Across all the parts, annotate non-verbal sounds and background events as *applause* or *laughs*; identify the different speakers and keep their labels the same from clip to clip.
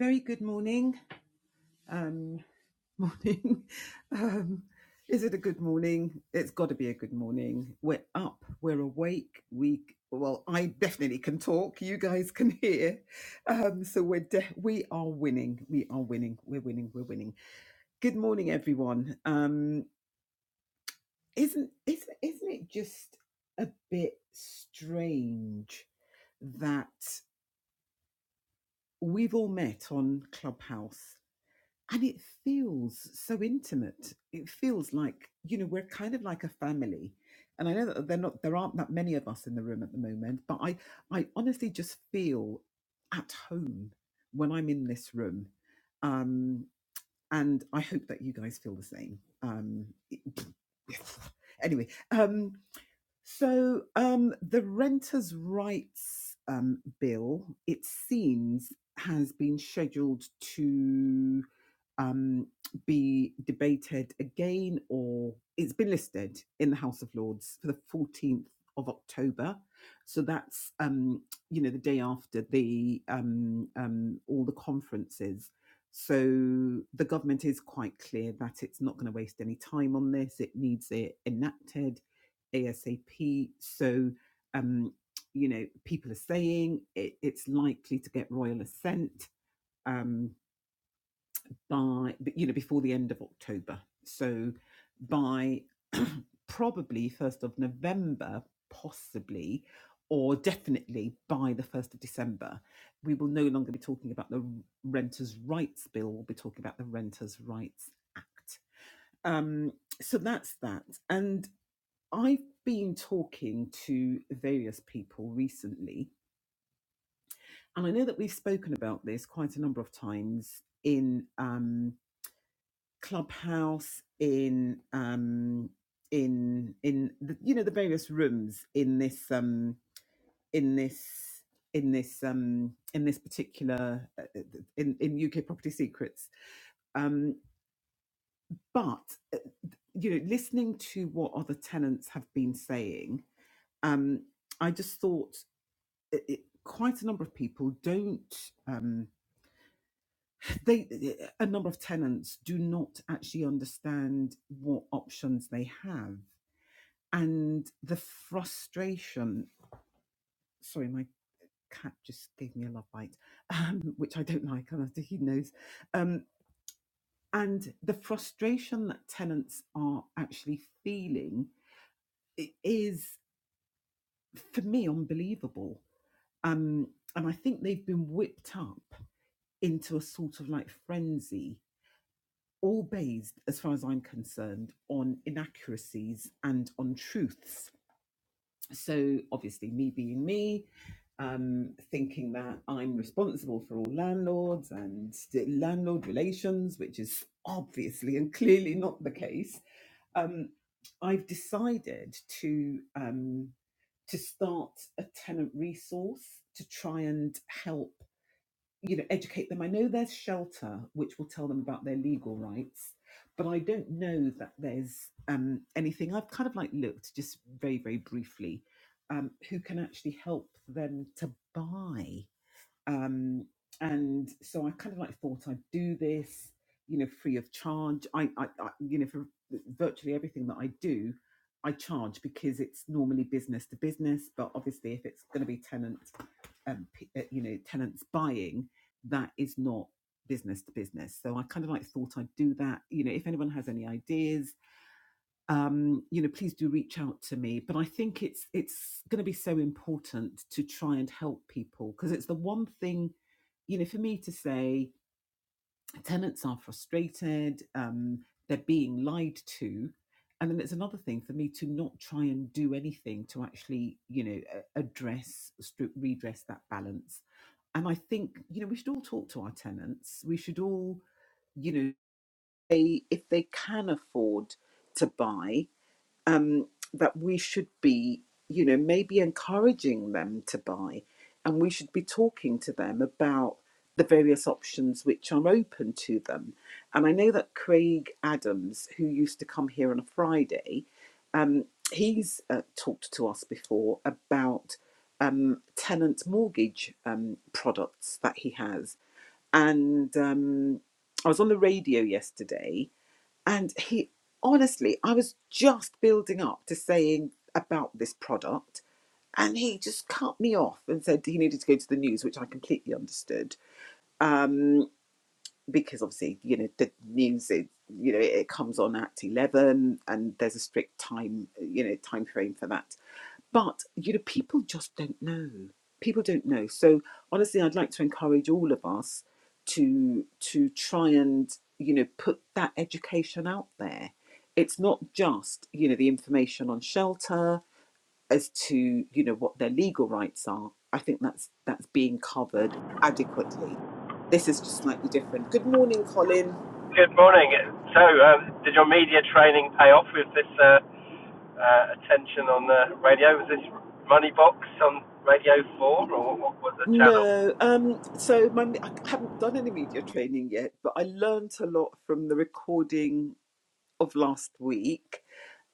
Speaker 1: Very good morning. Um, morning. *laughs* Um, is it a good morning? It's got to be a good morning. We're up. We're awake. We well, I definitely can talk. You guys can hear. Um, so we're de- we are winning. We are winning. We're winning. We're winning. Good morning, everyone. Um, isn't isn't isn't it just a bit strange that we've all met on Clubhouse? and it feels so intimate it feels like you know we're kind of like a family and i know that they're not there aren't that many of us in the room at the moment but i i honestly just feel at home when i'm in this room um and i hope that you guys feel the same um *laughs* anyway um so um the renters rights um bill it seems has been scheduled to um, be debated again, or it's been listed in the House of Lords for the 14th of October. So that's um, you know the day after the um, um, all the conferences. So the government is quite clear that it's not going to waste any time on this. It needs it enacted ASAP. So um, you know people are saying it, it's likely to get royal assent. Um, by you know before the end of October. So by *clears throat* probably first of November, possibly, or definitely by the first of December, we will no longer be talking about the Renters' Rights Bill. We'll be talking about the Renters' Rights Act. Um, so that's that. And I've been talking to various people recently, and I know that we've spoken about this quite a number of times in. Um, clubhouse in um in in the, you know the various rooms in this um in this in this um in this particular uh, uh, in in UK property secrets um but uh, you know listening to what other tenants have been saying um i just thought it, it, quite a number of people don't um they a number of tenants do not actually understand what options they have and the frustration. Sorry, my cat just gave me a love bite, *laughs* um, which I don't like, and I think he knows. Um, and the frustration that tenants are actually feeling is, for me, unbelievable. Um, and I think they've been whipped up into a sort of like frenzy, all based, as far as I'm concerned, on inaccuracies and on truths So obviously, me being me, um, thinking that I'm responsible for all landlords and the landlord relations, which is obviously and clearly not the case, um, I've decided to um, to start a tenant resource to try and help you know educate them i know there's shelter which will tell them about their legal rights but i don't know that there's um, anything i've kind of like looked just very very briefly um, who can actually help them to buy um, and so I kind of like thought I'd do this, you know, free of charge. I, I, I you know, for virtually everything that I do, I charge because it's normally business to business. But obviously, if it's going to be tenant, um, p- uh, you know, tenants buying, that is not business to business. So I kind of like thought I'd do that. You know, if anyone has any ideas um, you know, please do reach out to me. But I think it's it's going to be so important to try and help people because it's the one thing, you know, for me to say tenants are frustrated, um, they're being lied to, and then it's another thing for me to not try and do anything to actually, you know, address redress that balance. And I think you know we should all talk to our tenants. We should all, you know, they if they can afford to buy um, that we should be, you know, maybe encouraging them to buy, and we should be talking to them about the various options which are open to them. And I know that Craig Adams, who used to come here on a Friday, um, he's uh, talked to us before about um, tenant mortgage um, products that he has. And um, I was on the radio yesterday and he honestly, I was just building up to saying about this product, and he just cut me off and said he needed to go to the news, which I completely understood. Um, because obviously, you know, the news is you know it comes on at 11 and there's a strict time you know time frame for that but you know people just don't know people don't know so honestly i'd like to encourage all of us to to try and you know put that education out there it's not just you know the information on shelter as to you know what their legal rights are i think that's that's being covered adequately this is just slightly different good morning colin
Speaker 2: Good morning. So, um, did your media training pay off with this uh, uh, attention on the radio? Was this Moneybox on Radio 4, or what was the channel?
Speaker 1: no, um, so my I haven't done any media training yet, but I learnt a lot from the recording of last week.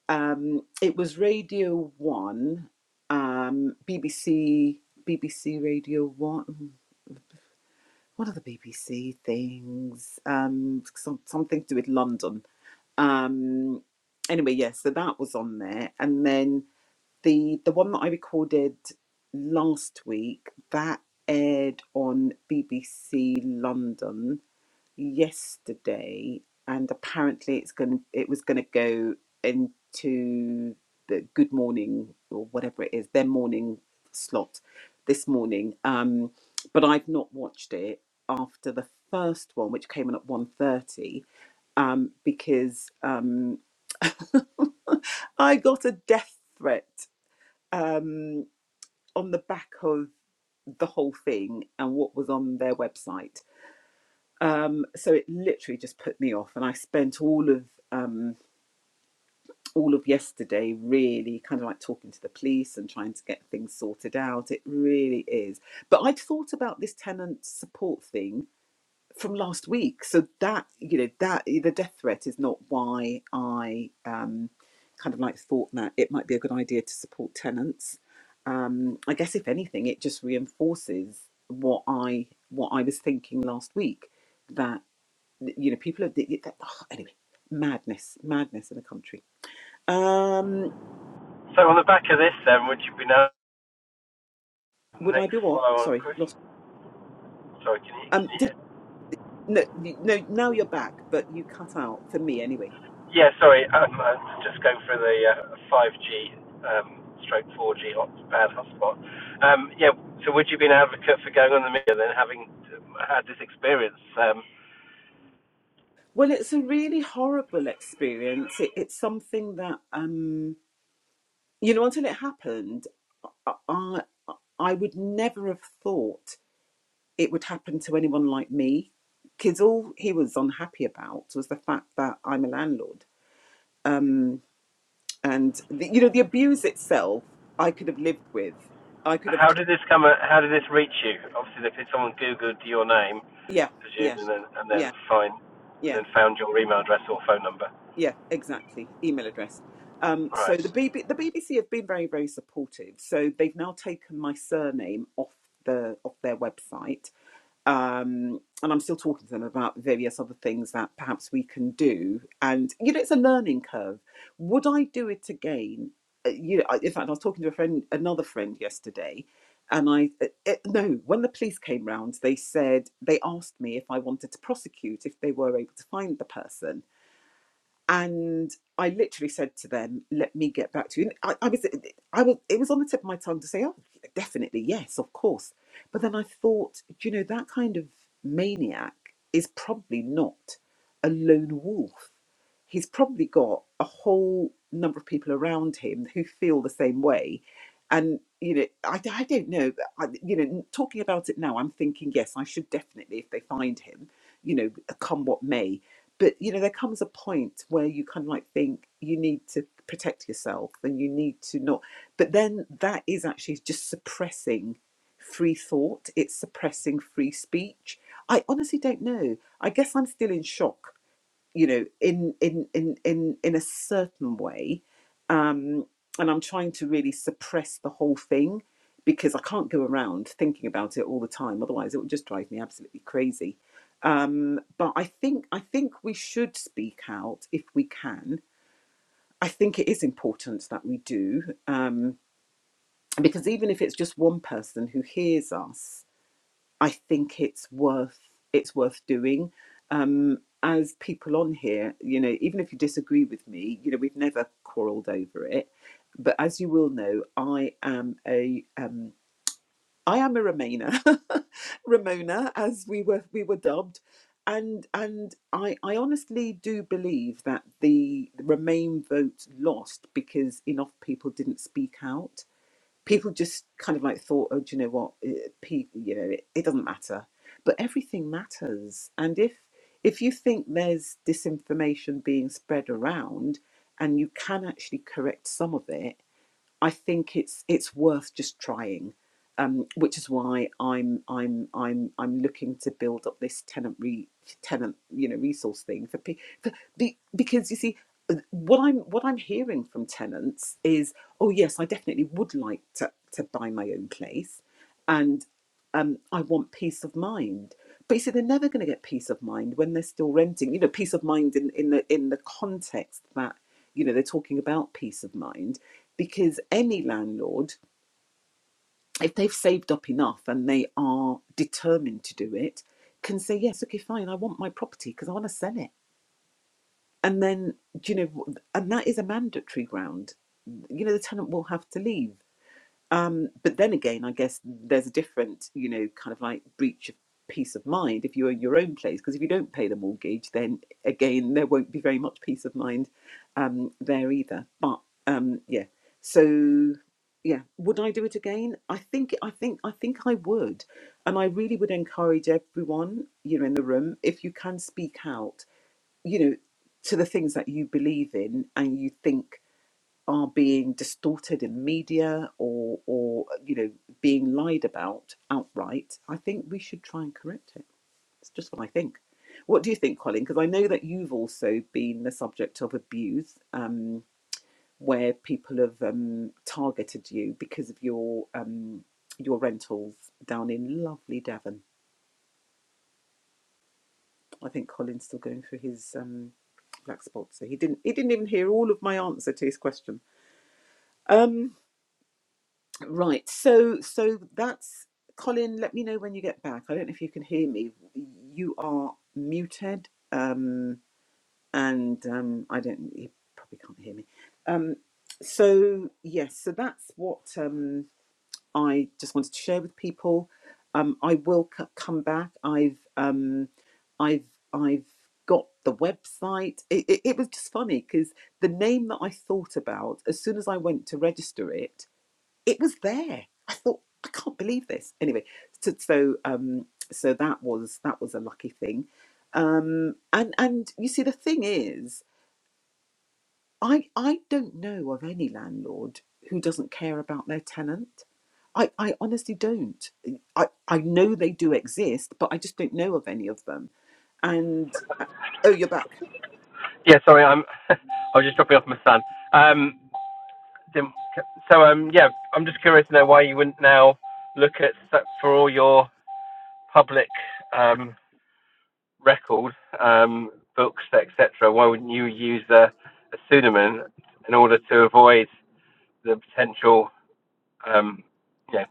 Speaker 1: Um, it was Radio One, um, BBC, BBC Radio One. What are the BBC things? Um, some, something to do with London. Um, anyway, yeah, so that was on there, and then the the one that I recorded last week that aired on BBC London yesterday, and apparently it's going to it was going to go into the Good Morning or whatever it is their morning slot this morning. Um, but I've not watched it after the first one, which came on at one thirty, um, because um, I got a death threat um, on the back of the whole thing and what was on their website. um, so it literally just put me off and i spent all of um, all of yesterday really kind of like talking to the police and trying to get things sorted out it really is but i'd thought about this tenant support thing from last week so that you know that the death threat is not why i um, kind of like thought that it might be a good idea to support tenants um, i guess if anything it just reinforces what i what i was thinking last week that you know, people are they- they- oh, anyway, madness, madness in the country. Um,
Speaker 2: So, on the back of this, then, would you be now the
Speaker 1: would I
Speaker 2: next
Speaker 1: be what?
Speaker 2: follow-on
Speaker 1: Sorry,
Speaker 2: question?
Speaker 1: lost.
Speaker 2: Sorry, can you, can
Speaker 1: Um,
Speaker 2: you
Speaker 1: did
Speaker 2: hear?
Speaker 1: no, you- no. Now you're back, but you cut out for me anyway.
Speaker 2: Yeah, sorry. Um, I am just going for the uh, 5G um, stroke 4G hot, hotspot. hotspot. Um, yeah. So, would you be an advocate for going on the media then, having had this experience? Um,
Speaker 1: Well, it's a really horrible experience. It, it's something that um, you know, until it happened, I I I would never have thought it would happen to anyone like me. Because all he was unhappy about was the fact that I'm a landlord Um, and the, you know the abuse itself i could have lived with i could have
Speaker 2: How did this come? uh, How did this reach you? Obviously, they, someone googled your name,
Speaker 1: yeah yeah
Speaker 2: presumably, and then and then
Speaker 1: yeah
Speaker 2: find and
Speaker 1: yeah
Speaker 2: then found your email address or phone number.
Speaker 1: yeah exactly email address um, so
Speaker 2: Right.
Speaker 1: the BB, the bbc have been very very supportive so they've now taken my surname off the off their website um, and I'm still talking to them about various other things that perhaps we can do. And you know, it's a learning curve. Would I do it again? Uh, You know, I- in fact, I was talking to a friend, another friend yesterday, and I uh uh, no, when the police came round, they said they asked me if I wanted to prosecute if they were able to find the person, and I literally said to them, "Let me get back to you." And I, I was, I was, it was on the tip of my tongue to say, "Oh, definitely, yes, of course," but then I thought, you know, that kind of maniac is probably not a lone wolf he's probably got a whole number of people around him who feel the same way. And, you know, I, I don't know, but I, you know, talking about it now, I'm thinking, yes, I should definitely, if they find him, you know, come what may. But, you know, there comes a point where you kind of like think you need to protect yourself and you need to not. But then that is actually just suppressing free thought, it's suppressing free speech. I honestly don't know. I guess I'm still in shock you know in in in in in a certain way um and i'm trying to really suppress the whole thing because i can't go around thinking about it all the time otherwise it would just drive me absolutely crazy um but i think i think we should speak out if we can i think it is important that we do um because even if it's just one person who hears us I think it's worth it's worth doing. Um, as people on here, you know, even if you disagree with me, you know, we've never quarrelled over it. But as you will know, I am a um, I am a Remainer, *laughs* Ramona, as we were we were dubbed, and and I I honestly do believe that the Remain vote lost because enough people didn't speak out people just kind of like thought, oh, do you know what? It, people, you know, it, it doesn't matter. But everything matters. And if if you think there's disinformation being spread around, and you can actually correct some of it, I think it's it's worth just trying, um, which is why I'm I'm I'm I'm looking to build up this tenant re tenant you know resource thing for, pe- for be, because you see uh, what I'm what I'm hearing from tenants is oh yes I definitely would like to to buy my own place, and um, I want peace of mind. But you see, they're never going to get peace of mind when they're still renting. You know, peace of mind in, in the in the context that you know they're talking about peace of mind because any landlord, if they've saved up enough and they are determined to do it, can say, yes, okay, fine, I want my property because I want to sell it. And then, you know, and that is a mandatory ground. You know, the tenant will have to leave. Um, but then again, I guess there's a different, you know, kind of like breach of peace of mind if you own your own place, because if you don't pay the mortgage, then again, there won't be very much peace of mind um, there either. But um, yeah, so yeah, would I do it again? I think, I think, I think I would, and I really would encourage everyone, you know, in the room, if you can speak out, you know, to the things that you believe in and you think are being distorted in media or or you know being lied about outright, I think we should try and correct it. It's just what I think. What do you think, Colin? Because I know that you've also been the subject of abuse, um, where people have um, targeted you because of your um, your rentals down in lovely Devon. I think Colin's still going through his um, black spot, so he didn't he didn't even hear all of my answer to his question. Um, Right. So so that's Colin, let me know when you get back. I don't know if you can hear me. You are muted. Um and um I don't you probably can't hear me. Um so yes, so that's what um I just wanted to share with people. Um I will c- come back. I've um I've I've got the website. It, it, it was just funny because the name that I thought about as soon as I went to register it it was there. I thought, I can't believe this. Anyway, so so, um, so that was that was a lucky thing. Um, and and you see, the thing is, I I don't know of any landlord who doesn't care about their tenant. I, I honestly don't. I, I know they do exist, but I just don't know of any of them. And oh, you're back.
Speaker 2: Yeah. Sorry, I'm. *laughs* I was just dropping off my son. Um. So um. Yeah, I'm just curious to know why you wouldn't now look at for all your public um record um books etc. Why wouldn't you use a, a pseudonym in order to avoid the potential um, you know,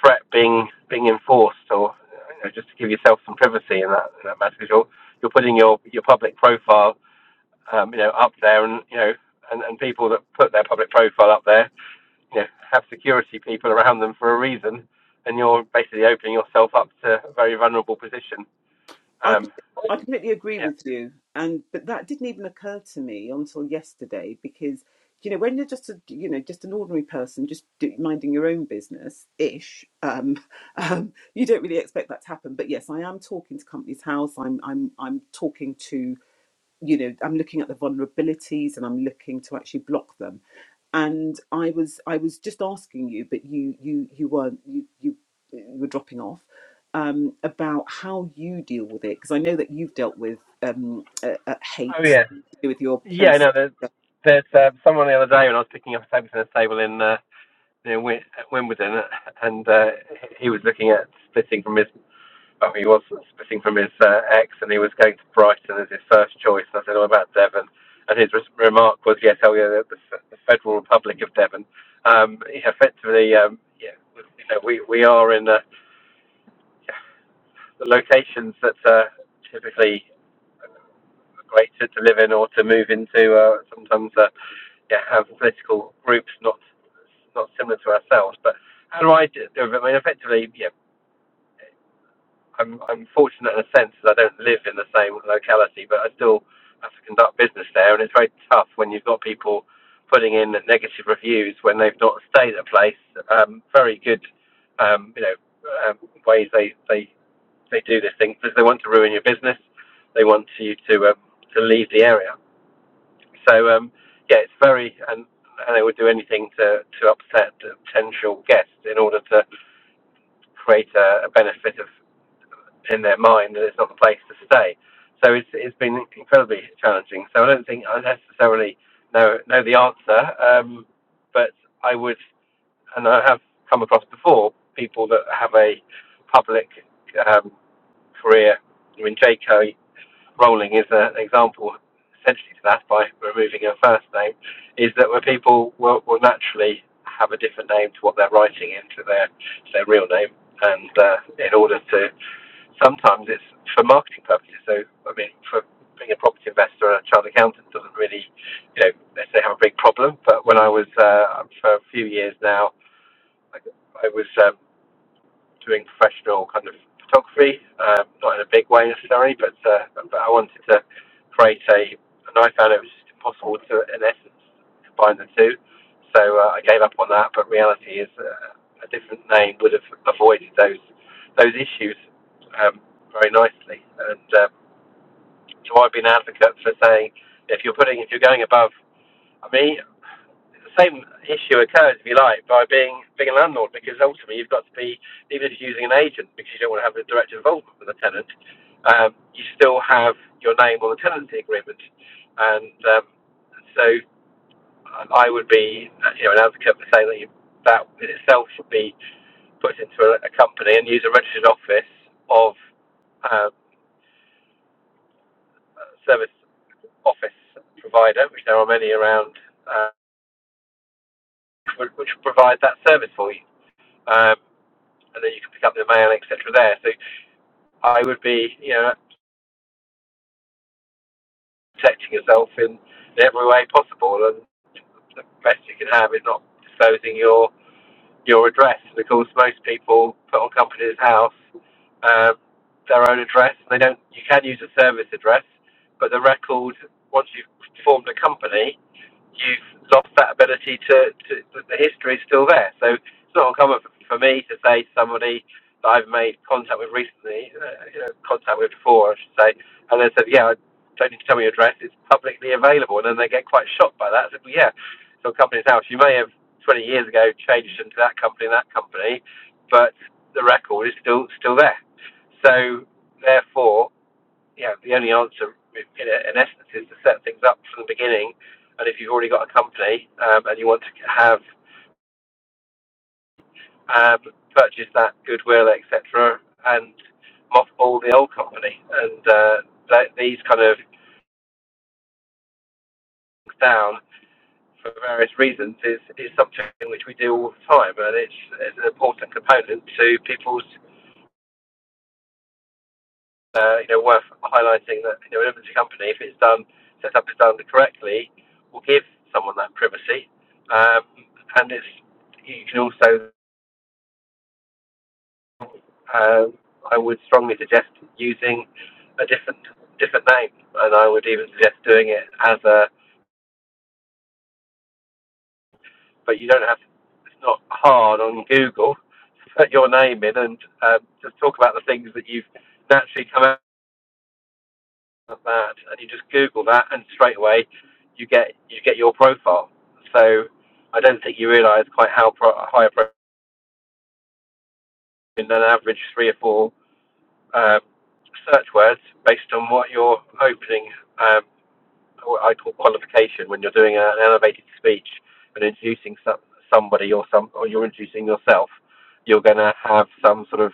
Speaker 2: threat being being enforced, or you know, just to give yourself some privacy in that in that matter, because you're you're putting your your public profile, um, you know, up there, and you know, and, and people that put their public profile up there, you know, have security people around them for a reason, and you're basically opening yourself up to a very vulnerable position.
Speaker 1: I could,
Speaker 2: Um,
Speaker 1: I completely agree
Speaker 2: yeah.
Speaker 1: with you, and but that didn't even occur to me until yesterday because you know when you're just a you know just an ordinary person just do, minding your own business ish, um, *laughs* um, you don't really expect that to happen. But yes, I am talking to Companies House. I'm I'm I'm talking to you know i'm looking at the vulnerabilities and i'm looking to actually block them and i was i was just asking you but you you you weren't you you were dropping off um, about how you deal with it because i know that you've dealt with um, uh, uh, hate
Speaker 2: Oh yeah.
Speaker 1: to do with your
Speaker 2: Yeah.
Speaker 1: place do
Speaker 2: No. There's, there's uh, someone the other day when I was picking up a table tennis table in. uh, you know, Wi- at Wimbledon, uh, and uh, he was looking at splitting from his. Well, he was splitting from his uh, ex, and he was going to Brighton as his first choice. And I said, "Oh, about Devon?" And his res- remark was, "Yes, oh yeah, the, the Federal Republic of Devon." Um, yeah, effectively, um, yeah, you know, we we are in uh, the locations that uh, typically. great to, to live in or to move into. Uh, sometimes, uh, yeah, have political groups not not similar to ourselves. But how do I do it? I mean, effectively, yeah, I'm I'm fortunate in a sense that I don't live in the same locality, but I still have to conduct business there, and it's very tough when you've got people putting in negative reviews when they've not stayed at a place. Um, very good, um, you know, um, ways they they they do this thing because they want to ruin your business, they want you to um, to leave the area. So um, yeah, it's very and, and they would do anything to to upset potential guests in order to create a, a benefit of in their mind that it's not the place to stay. So it's it's been incredibly challenging. So I don't think I necessarily know know the answer, um, but I would and I have come across before people that have a public um, career. I mean, Jayco rolling is an example essentially to that by removing a first name, is that where people will, will naturally have a different name to what they're writing into their to their real name, and uh, in order to sometimes it's for marketing purposes. So I mean, for being a property investor and a child accountant doesn't really, you know, let's say have a big problem. But when I was uh, for a few years now, I, I was um, doing professional kind of photography, uh, not in a big way necessarily, but uh, but I wanted to create a, and I found it was just impossible to, in essence, combine the two. So uh, I gave up on that. But reality is, uh, a different name would have avoided those those issues um, very nicely. And um, so I've been an advocate for saying, if you're putting, if you're going above, I mean, the same issue occurs, if you like, by being being a landlord, because ultimately you've got to be, even if you're using an agent, because you don't want to have a direct involvement with the tenant, um, you still have your name on the tenancy agreement, and um, so I would be, you know, an advocate for saying that you, that in itself should be put into a, a company and use a registered office of um, a service office provider, which there are many around, uh, which would- provide that service for you. Um, and then you can pick up the mail, etc. There, so I would be, you know, protecting yourself in, in every way possible, and the best you can have is not disclosing your your address. And of course, most people put on company's house um, their own address. They don't. You can use a service address, but the record once you've formed a company, you've lost that ability to, to the the history is still there. So it's not uncommon for, for me to say to somebody that I've made contact with recently, uh, you know, contact with before, I should say, and they said, yeah, I don't need to tell me your address, it's publicly available. And then they get quite shocked by that. I said, well, yeah, so companies now, you may have 20 years ago changed into that company and that company, but the record is still still there. So therefore, yeah, the only answer, in, in essence, is to set things up from the beginning. And if you've already got a company um, and you want to have um, purchase that goodwill, etc., and mothball the old company, and uh, that, these kind of things down for various reasons is, is something which we do all the time, and it's, it's an important component to people's uh, you know, worth highlighting that you know, an inventory company, if it's done, set up is done correctly, will give someone that privacy. Um, and it's you can also, um, I would strongly suggest using a different different name, and I would even suggest doing it as a. But you don't have. It's not hard on Google. to Put your name in and um, just talk about the things that you've naturally come of that, and you just Google that, and straight away you get you get your profile. So I don't think you realise quite how pro- high a profile than an average three or four um, search words based on what you're opening. Um, what I call qualification when you're doing an elevated speech and introducing some, somebody or some or you're introducing yourself. You're going to have some sort of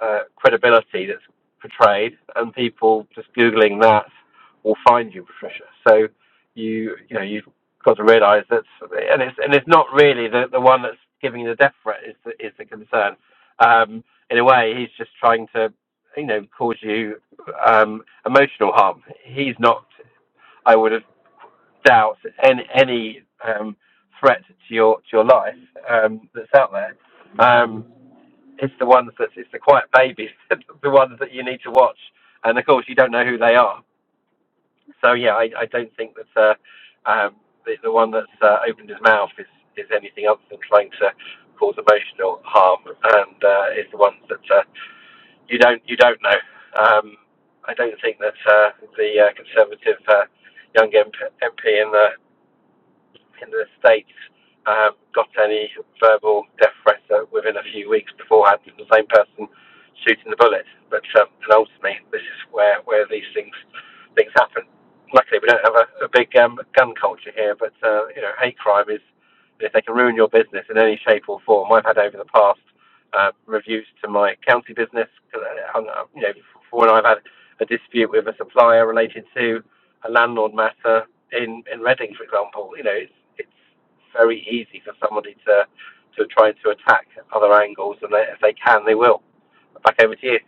Speaker 2: uh, credibility that's portrayed, and people just googling that will find you, Patricia. So you you know you've got to realise that, and it's and it's not really the the one that's giving the death threat is the, is the concern. Um, in a way, he's just trying to you know cause you um, emotional harm. He's not. I would have doubt any any um, threat to your to your life um, that's out there. Um, it's the ones that it's the quiet babies, *laughs* the ones that you need to watch, and of course you don't know who they are. So yeah, I, I don't think that uh, um, the, the one that's uh, opened his mouth is is anything other than trying to cause emotional harm, and uh, it's the ones that uh, you don't you don't know. Um, I don't think that uh, the uh, Conservative uh, young MP, MP in the in the States um, got any verbal death threats uh, within a few weeks beforehand from the same person shooting the bullet. But um, and ultimately, this is where, where these things things happen. Luckily, we don't have a, a big um, gun culture here, but uh, you know, hate crime is if they can ruin your business in any shape or form. I've had over the past uh, reviews to my county business. you know, for when I've had a dispute with a supplier related to a landlord matter, in in Reading, for example, you know, it's it's very easy for somebody to to try to attack other angles, and they, if they can, they will. Back over to you.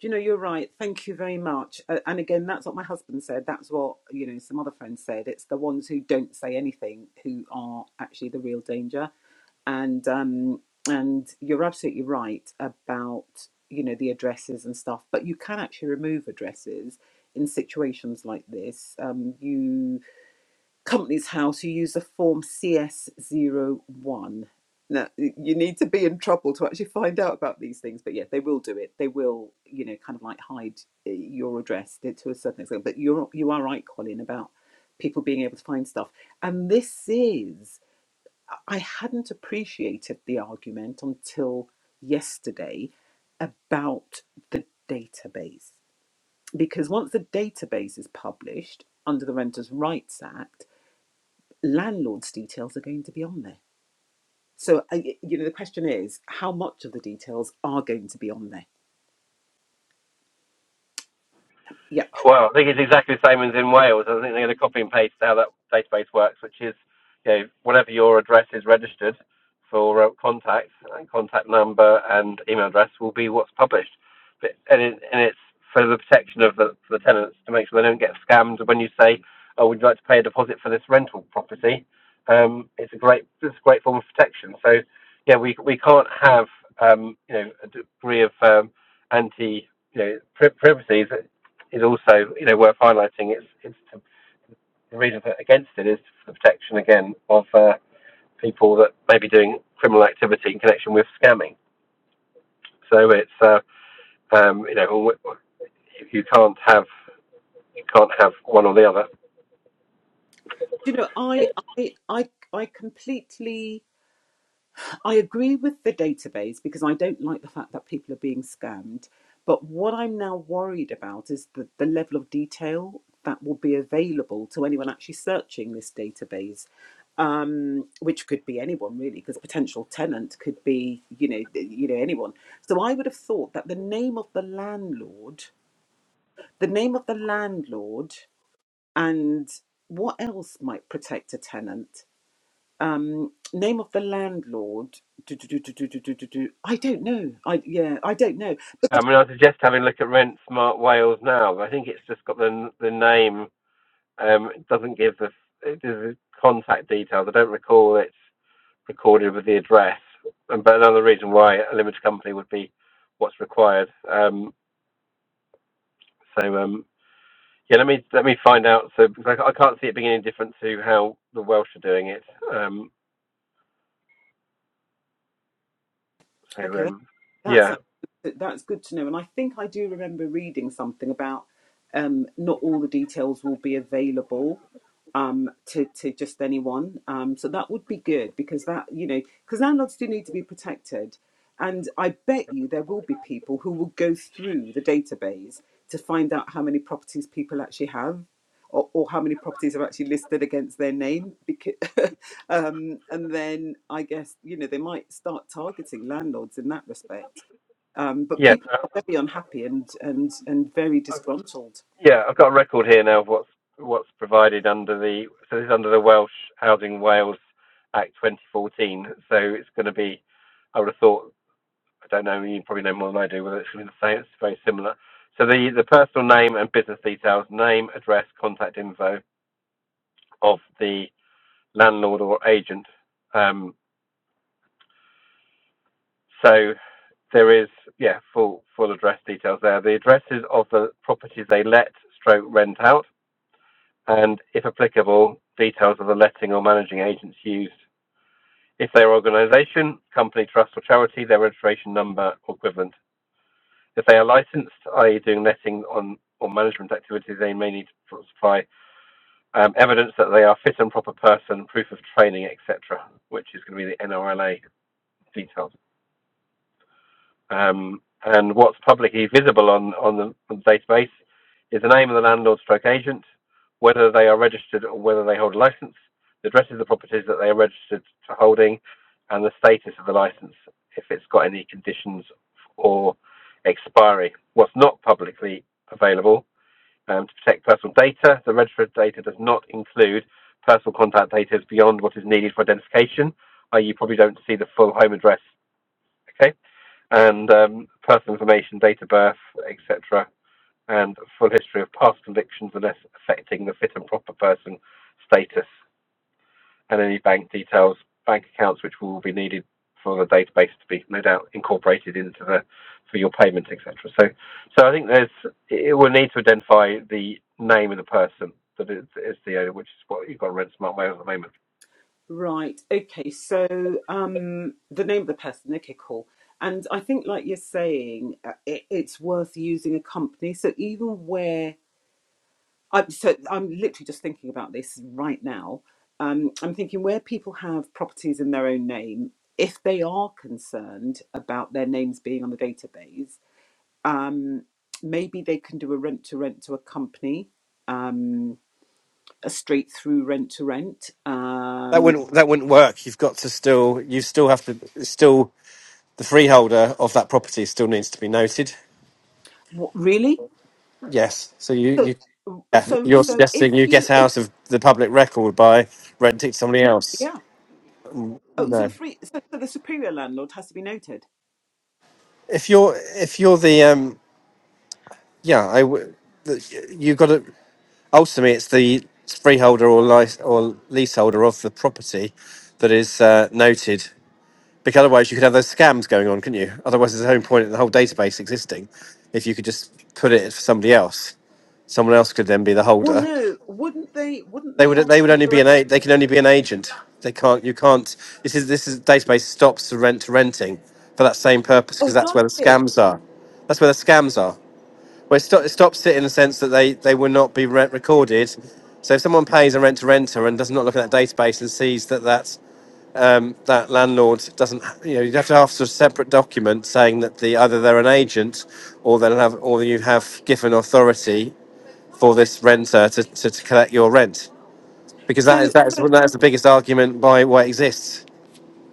Speaker 1: you know you're right thank you very much uh, and again that's what my husband said that's what you know some other friends said it's the ones who don't say anything who are actually the real danger and um, and you're absolutely right about you know the addresses and stuff, but you can actually remove addresses in situations like this. Um, you company's house, you use the form cs zero one. Now y- you need to be in trouble to actually find out about these things, but yeah, they will do it. They will, you know, kind of like hide uh, your address to to a certain extent. But you're you are right, Colin, about people being able to find stuff, and this is I hadn't appreciated the argument until yesterday about the database. Because once the database is published under the Renters' Rights Act, landlords' details are going to be on there. So, I- you know, the question is how much of the details are going to be on there? Yep.
Speaker 2: Well, I think it's exactly the same as in Wales. I think they're going to copy and paste how that database works, which is, you know, whatever your address is registered for uh, contacts, and contact number and email address will be what's published. But, and, it, and it's for the protection of the, for the tenants to make sure they don't get scammed when you say, oh, would you like to pay a deposit for this rental property? Um, it's a great, it's a great form of protection. So, yeah, we, we can't have, um, you know, a degree of um, anti, you know, pri- privacy is also you know worth highlighting. It's it's to, the reason for, against it is for the protection again of uh, people that may be doing criminal activity in connection with scamming. So it's uh, um, you know you can't have you can't have one or the other.
Speaker 1: You know, I, I, I, I completely I agree with the database because I don't like the fact that people are being scammed. But what I'm now worried about is the, the level of detail that will be available to anyone actually searching this database, um, which could be anyone really, because potential tenant could be you know you know anyone. So I would have thought that the name of the landlord, the name of the landlord, and what else might protect a tenant? um name of the landlord do, do, do, do, do, do, do, do, i don't know i yeah i don't know
Speaker 2: I mean, I suggest having a look at Rent Smart Wales now. I think it's just got the the name. Um, it doesn't give the it the contact details. I don't recall it's recorded with the address. And but another reason why a limited company would be what's required. Um, So um, yeah, let me let me find out. So because I, I can't see it being any different to how the Welsh are doing it. Um, so
Speaker 1: okay
Speaker 2: um,
Speaker 1: That's
Speaker 2: yeah,
Speaker 1: that's good to know. And I think I do remember reading something about um, not all the details will be available um, to to just anyone. Um, so that would be good because that you know because landlords do need to be protected, and I bet you there will be people who will go through the database to find out how many properties people actually have. Or, or how many properties are actually listed against their name? Because *laughs* um, and then I guess you know they might start targeting landlords in that respect. Um, but
Speaker 2: yeah,
Speaker 1: people are
Speaker 2: uh,
Speaker 1: very unhappy and and and very
Speaker 2: I've,
Speaker 1: disgruntled.
Speaker 2: yeah. I've got a record here now of what's what's provided under the so this is under the Welsh Housing Wales Act 2014. So it's going to be. I would have thought. I don't know. You probably know more than I do whether it's going to be the same. It's very similar. So the, the personal name and business details, name, address, contact info of the landlord or agent. Um, So there is, yeah, full full address details there. The addresses of the properties they let stroke rent out, and if applicable, details of the letting or managing agents used. If they are organisation, company, trust, or charity, their registration number or equivalent. If they are licensed, i.e., doing letting on or management activities, they may need to supply um, evidence that they are fit and proper person, proof of training, etc., which is going to be the NRLA details. Um, and what's publicly visible on, on, the, on the database is the name of the landlord stroke agent, whether they are registered or whether they hold a license, the addresses of the properties that they are registered to holding, and the status of the license, if it's got any conditions or expiry. What's not publicly available um, to protect personal data, the registered data does not include personal contact data beyond what is needed for identification, i.e., you probably don't see the full home address. Okay and um, personal information, date of birth, etc., and full history of past convictions unless affecting the fit and proper person status, and any bank details, bank accounts which will be needed for the database to be no doubt incorporated into the for your payments, etc. So, so I think there's it will need to identify the name of the person that is, is the owner, which is what you've got on Rent Smart Mail at the moment.
Speaker 1: Right. Okay. So um, the name of the person, okay, cool. And I think, like you're saying, uh, it, it's worth using a company. So even where I'm, so I'm literally just thinking about this right now. Um, I'm thinking where people have properties in their own name, if they are concerned about their names being on the database Um, maybe they can do a rent to rent to a company, um, a straight through rent to rent.
Speaker 2: That
Speaker 1: Um,
Speaker 2: wouldn't that wouldn't work. You've got to still you still have to it's still the freeholder of that property still needs to be noted.
Speaker 1: what really?
Speaker 2: Yes. So you,
Speaker 1: So,
Speaker 2: you yeah,
Speaker 1: so,
Speaker 2: you're
Speaker 1: so
Speaker 2: suggesting
Speaker 1: if
Speaker 2: you
Speaker 1: you,
Speaker 2: get
Speaker 1: if
Speaker 2: out of the public record by renting to somebody else.
Speaker 1: yeah, oh, so
Speaker 2: No.
Speaker 1: the free, so, so the superior landlord has to be noted.
Speaker 2: If you're if you're the um yeah, I w- the, you got to ultimately it's the freeholder or lice, or leaseholder of the property that is uh, noted because otherwise you could have those scams going on, couldn't you? Otherwise there's no point in the whole database existing if you could just put it for somebody else. Someone else could then be the
Speaker 1: Well,
Speaker 2: holder
Speaker 1: no, wouldn't they? Wouldn't
Speaker 2: They
Speaker 1: they
Speaker 2: would
Speaker 1: ask
Speaker 2: they would
Speaker 1: you
Speaker 2: only
Speaker 1: for?
Speaker 2: be an a, they can only be an agent. They can't you can't this is this is database stops the rent to renting for that same purpose
Speaker 1: Oh,
Speaker 2: because that's
Speaker 1: does
Speaker 2: where the
Speaker 1: it?
Speaker 2: scams are. That's where the scams are. Where it, sto- it stops it in the sense that they they will not be rent recorded. So if someone pays a rent to renter and does not look at that database and sees that that um, that landlord doesn't, you know, you'd have to have sort of separate document saying that the either they're an agent or they'll have or you have given authority for this renter to, to, to collect your rent because
Speaker 1: So,
Speaker 2: that is that's
Speaker 1: so
Speaker 2: that's the biggest argument by what exists.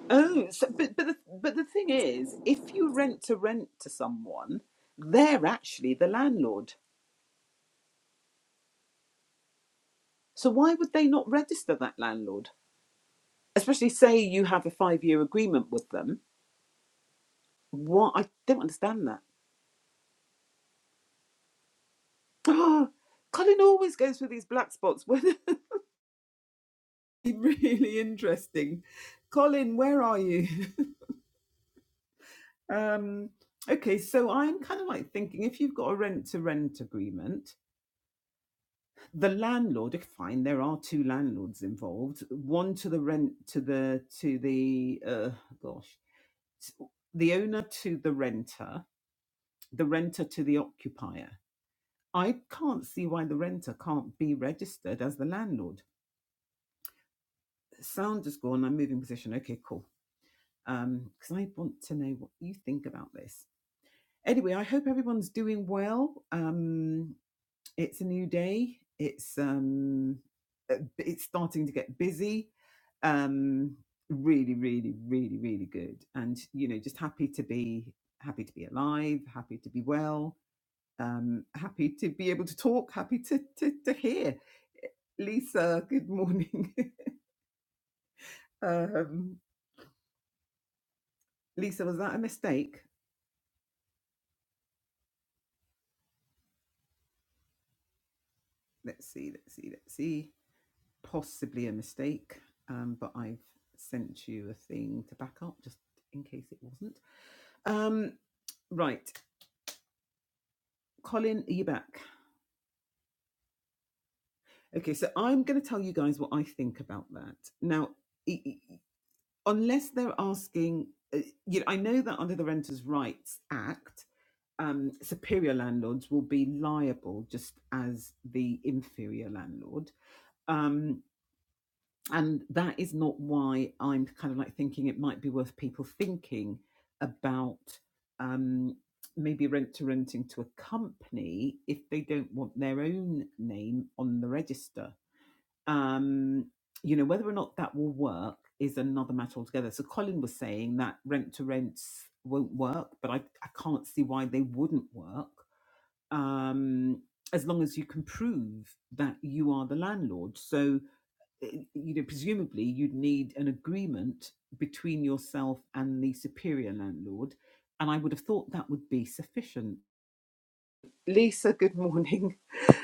Speaker 1: oh, so, but but the, but the thing is, if you rent to rent to someone, they're actually the landlord. So why would they not register that landlord? especially say you have a five year agreement with them. What I don't understand that. *gasps* Oh, Colin always goes for these black spots. *laughs* When really interesting. Colin, where are you? *laughs* Um, okay, so I'm kind of like thinking if you've got a rent to rent agreement, the landlord, if fine, there are two landlords involved. One to the rent to the to the uh, gosh, the owner to the renter, the renter to the occupier. I can't see why the renter can't be registered as the landlord. Sound is gone. I'm moving position. Okay, cool. Um, because I want to know what you think about this. Anyway, I hope everyone's doing well. Um, it's a new day. It's um, uh, it's starting to get busy. Um, really, really, really, really good. And you know, just happy to be happy to be alive. Happy to be well Um, happy to be able to talk, happy to, to, to hear. Lisa, good morning. *laughs* um, Lisa, was that a mistake? Let's see, let's see, let's see. Possibly a mistake, um, but I've sent you a thing to back up just in case it wasn't. Um, right, Colin, are you back? Okay, so I'm going to tell you guys what I think about that. Now, unless they're asking, uh, you know, I know that under the Renters' Rights Act, um, superior landlords will be liable just as the inferior landlord. Um, and that is not why I'm kind of like thinking it might be worth people thinking about um, maybe rent to renting to a company if they don't want their own name on the register. Um, you know, whether or not that will work is another matter altogether. So Colin was saying that rent to rents won't work, but I, I can't see why they wouldn't work um, as long as you can prove that you are the landlord. So, eh, you know, presumably you'd need an agreement between yourself and the superior landlord. And I would have thought that would be sufficient. Lisa, good morning.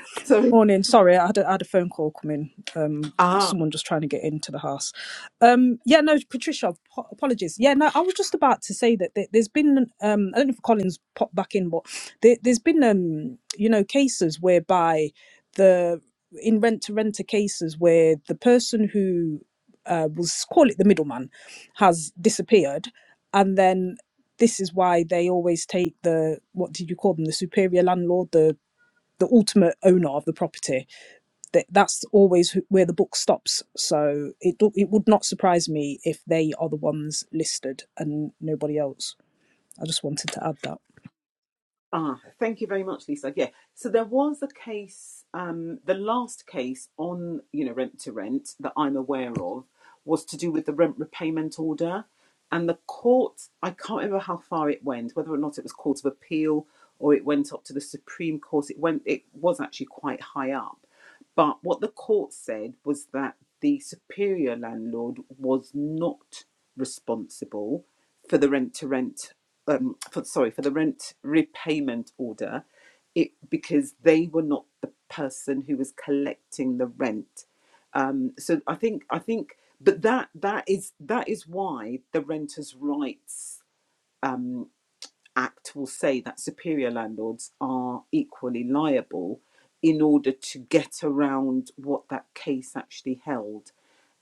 Speaker 1: *laughs* Sorry.
Speaker 3: Morning. Sorry, I had a, I had a phone call come in. Um,
Speaker 1: Ah,
Speaker 3: someone just trying to get into the house. Um, yeah, no, Patricia, po- apologies. Yeah, no, I was just about to say that there- there's been, um, I don't know if Collins popped back in, but there, there's been, um, you know, cases whereby the in rent to renter cases where the person who uh, was call it the middleman has disappeared, and then this is why they always take the what did you call them the superior landlord the the ultimate owner of the property. That that's always where the book stops. So it it would not surprise me if they are the ones listed and nobody else. I just wanted to add that.
Speaker 1: Ah, thank you very much, Lisa. Yeah. So there was a case, um, the last case on, you know, rent to rent that I'm aware of was to do with the rent repayment order. And the court, I can't remember how far it went, whether or not it was Court of Appeal or it went up to the Supreme Court. It went, it was actually quite high up. But what the court said was that the superior landlord was not responsible for the rent to rent um, for, sorry, for the rent repayment order, it because they were not the person who was collecting the rent. Um, so I think I think, but that that is that is why the Renters' Rights um, Act will say that superior landlords are equally liable in order to get around what that case actually held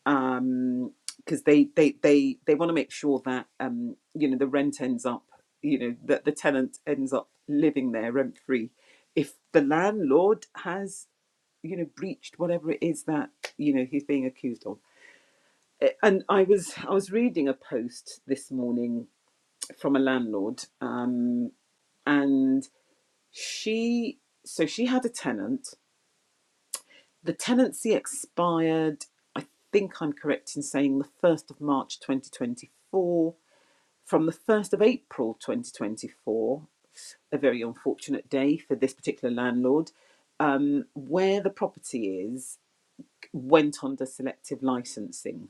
Speaker 1: um because they they they they want to make sure that um you know the rent ends up you know that the tenant ends up living there rent free if the landlord has you know breached whatever it is that you know he's being accused of Eh, and i was i was reading a post this morning from a landlord um and she so she had a tenant The tenancy expired, I think I'm correct in saying the 1st of March 2024. From the 1st of April 2024, a very unfortunate day for this particular landlord, um, where the property is went under selective licensing.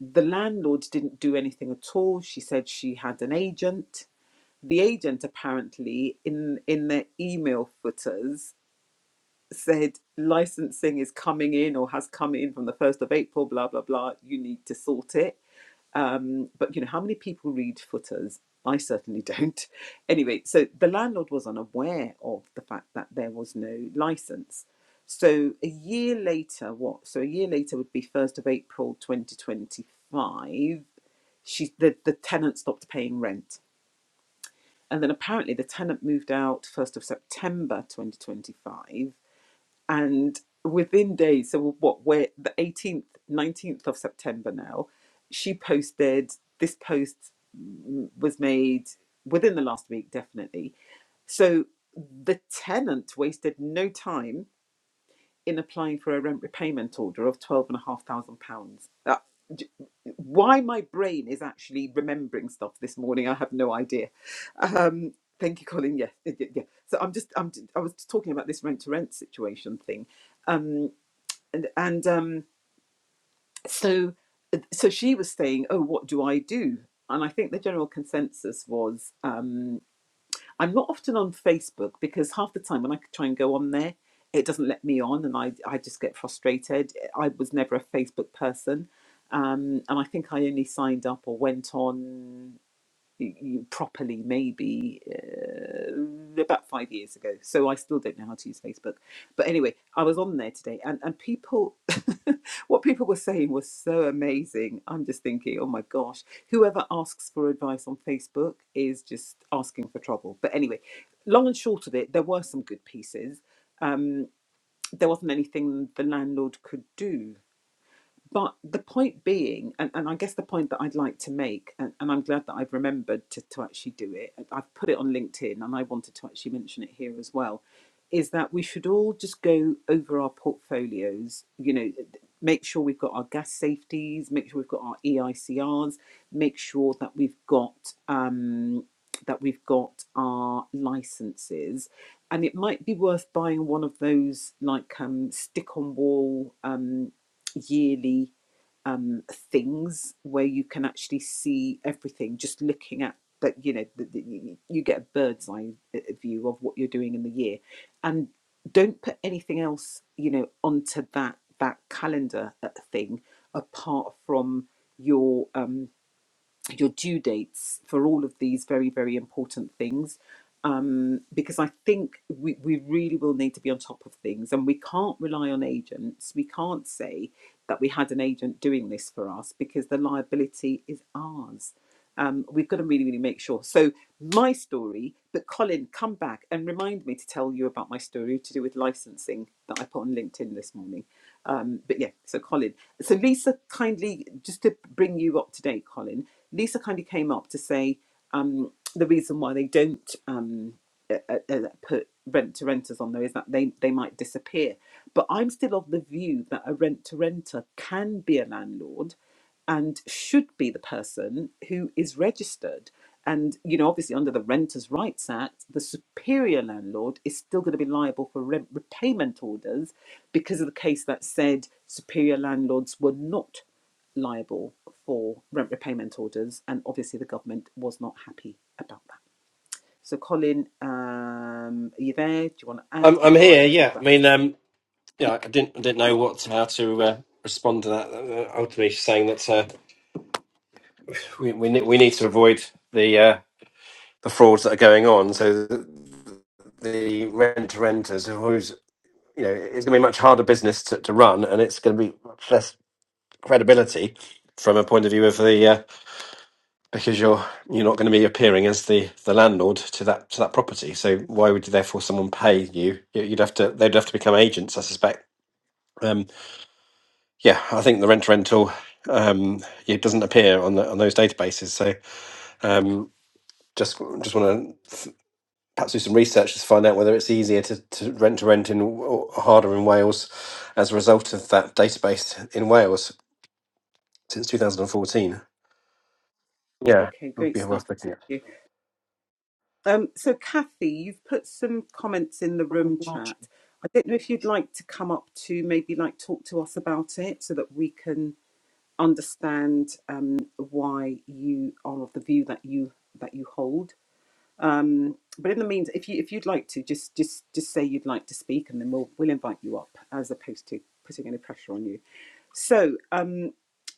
Speaker 1: The landlord didn't do anything at all. She said she had an agent. The agent apparently in in their email footers said licensing is coming in or has come in from the 1st of April, blah, blah, blah. You need to sort it. Um, but, you know, how many people read footers? I certainly *laughs* don't. Anyway, so the landlord was unaware of the fact that there was no license. So a year later, what? So a year later would be 1st of April 2025. She, the, the tenant stopped paying rent. And then apparently the tenant moved out 1st of September 2025 and within days so what we're the 18th 19th of september now she posted this post mm, was made within the last week definitely so the tenant wasted no time in applying for a rent repayment order of twelve and a half thousand pounds. That why my brain is actually remembering stuff this morning, I have no idea. Um, thank you, Colin. Yes, yeah, yeah, yeah. So I'm just I'm I was talking about this rent to rent situation thing, um, and and um, so so she was saying, oh, what do I do? And I think the general consensus was. Um, I'm not often on Facebook because half the time when I try and go on there, it doesn't let me on and I, I just get frustrated. I was never a Facebook person. Um, and I think I only signed up or went on y- you properly maybe uh, about five years ago. So I still don't know how to use Facebook. But anyway, I was on there today, and and people, *laughs* what people were saying was so amazing. I'm just thinking, oh my gosh, whoever asks for advice on Facebook is just asking for trouble. But anyway. Long and short of it, there were some good pieces. Mm, There wasn't anything the landlord could do but the point being, and, and I guess the point that I'd like to make, and, and I'm glad that I've remembered to, to actually do it, and I've put it on LinkedIn and I wanted to actually mention it here as well, is that we should all just go over our portfolios, you know, make sure we've got our gas safeties, make sure we've got our EICRs, make sure that we've got um, that we've got our licenses and it might be worth buying one of those like um, stick on wall um yearly um, things where you can actually see everything just looking at that you know the, the, you get a bird's eye uh, view of what you're doing in the year and don't put anything else you know onto that that calendar uh, thing apart from your um, your due dates for all of these very, very important things. Um, because I think we, we really will need to be on top of things and we can't rely on agents. We can't say that we had an agent doing this for us because the liability is ours. Um, we've got to really, really make sure. So my story, but Colin, come back and remind me to tell you about my story to do with licensing that I put on LinkedIn this morning. Um, but yeah, so Colin. So Lisa kindly, just to bring you up to date, Colin, Lisa kindly came up to say um, the reason why they don't um, uh, uh, uh, put rent to renters on there is that they, they might disappear. But I'm still of the view that a rent to renter can be a landlord and should be the person who is registered. And, you know, obviously under the Renters' Rights Act, the superior landlord is still going to be liable for rent repayment orders because of the case that said superior landlords were not liable for rent repayment orders. And obviously the government was not happy about that. So, Colin, um, are you there? Do you want to add
Speaker 2: I'm I'm
Speaker 1: before I
Speaker 2: here.
Speaker 1: talk
Speaker 2: Yeah, I
Speaker 1: about this?
Speaker 2: mean, um, yeah, I didn't I didn't know what how to uh, respond to that. Uh, ultimately, she's saying that uh, we we ne- we need to avoid the uh, the frauds that are going on. So the, the rent to renters, who's you know, it's going to be much harder business to, to run, and it's going to be much less credibility from a point of view of the uh, because you're you're not going to be appearing as the the landlord to that to that property. So why would therefore someone pay you? You- You'd have to they'd have to become agents, I suspect. Um, yeah, I think the rent to rental um, it doesn't appear on the, on those databases. So um, just just want to th- perhaps do some research to find out whether it's easier to, to rent to rent in or harder in Wales as a result of that database in Wales since 2014. Yeah, it
Speaker 1: Okay,
Speaker 2: would
Speaker 1: great
Speaker 2: be worth
Speaker 1: stuff.
Speaker 2: looking
Speaker 1: Thank
Speaker 2: at.
Speaker 1: you. Um, so, Kathy, you've put some comments in the room chat. I don't know if you'd like to come up to maybe like talk to us about it so that we can understand um, why you are of the view that you that you hold. Um, but in the means, if you if you'd like to, just just just say you'd like to speak, and then we'll we'll invite you up as opposed to putting any pressure on you. So. Um,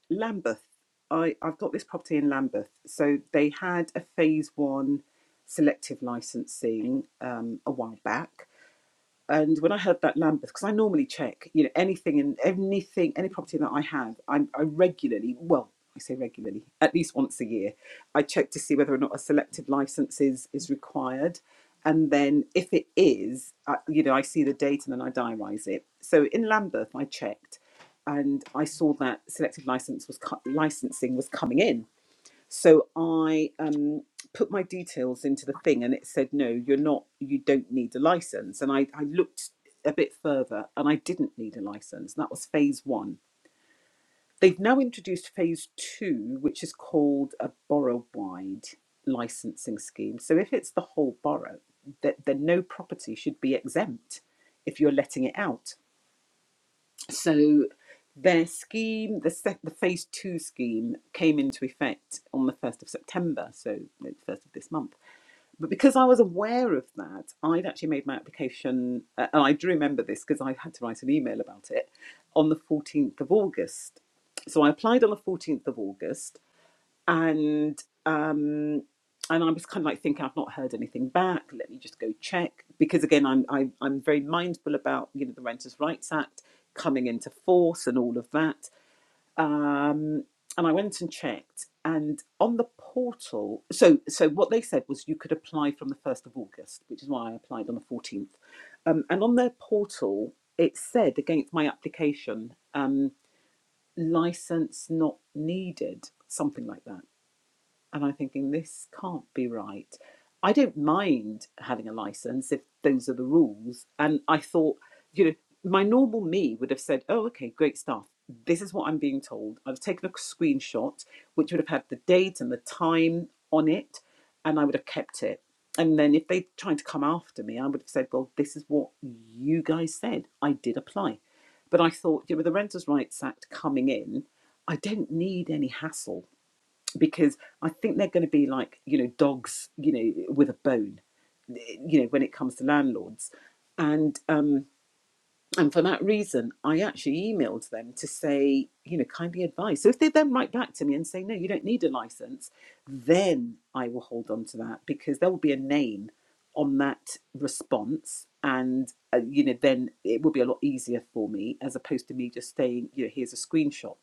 Speaker 1: Lambeth. I, I've got this property in Lambeth. So they had a phase one selective licensing um, a while back. And when I heard that Lambeth, because I normally check, you know, anything and anything, any property that I have, I, I regularly, well, I say regularly, at least once a year, I check to see whether or not a selective license is, is required. And then if it is, I, you know, I see the date and then I diarise it. So in Lambeth, I checked and I saw that selective license was co- licensing was coming in so I um, put my details into the thing and it said, no, you're not, you don't need a license. And I, I looked a bit further and I didn't need a license. And that was phase one. They've now introduced phase two, which is called a borough wide licensing scheme. So if it's the whole borough, that then no property should be exempt if you're letting it out. So their scheme, the, sec- the phase two scheme, came into effect on the 1st of September, so the 1st of this month. But because I was aware of that, I'd actually made my application, uh, and I do remember this because I had to write an email about it on the 14th of August. So I applied on the 14th of August and um and I was kind of like thinking I've not heard anything back. Let me just go check because again I'm I, I'm very mindful about you know the Renters' Rights Act coming into force and all of that. Um, and I went and checked, and on the portal, so so what they said was you could apply from the first of August, which is why I applied on the fourteenth. Um, and on their portal, it said against my application, um, license not needed, something like that and I'm thinking this can't be right. I don't mind having a license if those are the rules. And I thought, you know, my normal me would have said, "Oh, okay, great stuff. This is what I'm being told." I've taken a screenshot, which would have had the date and the time on it, and I would have kept it. And then if they tried to come after me, I would have said, "Well, this is what you guys said. I did apply." But I thought, you know, with the Renters' Rights Act coming in, I don't need any hassle because I think they're going to be like you know dogs, you know, with a bone, eh, you know, when it comes to landlords, and um, and for that reason, I actually emailed them to say you know kindly advise. So if they then write back to me and say no, you don't need a license, then I will hold on to that because there will be a name on that response and uh, you know then it will be a lot easier for me as opposed to me just saying you know here's a screenshot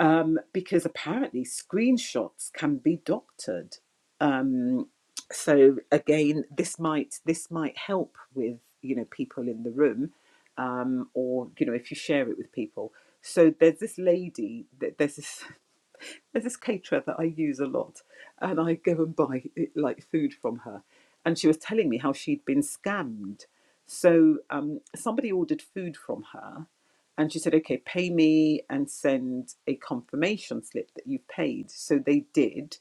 Speaker 1: um, because apparently screenshots can be doctored. Um, so again, this might this might help with you know people in the room, um, or you know if you share it with people. So there's this lady that there's this there's this caterer that I use a lot, and I go and buy eh, like food from her. And she was telling me how she'd been scammed. So um, somebody ordered food from her, and she said, "Okay, pay me and send a confirmation slip that you've paid." So they did.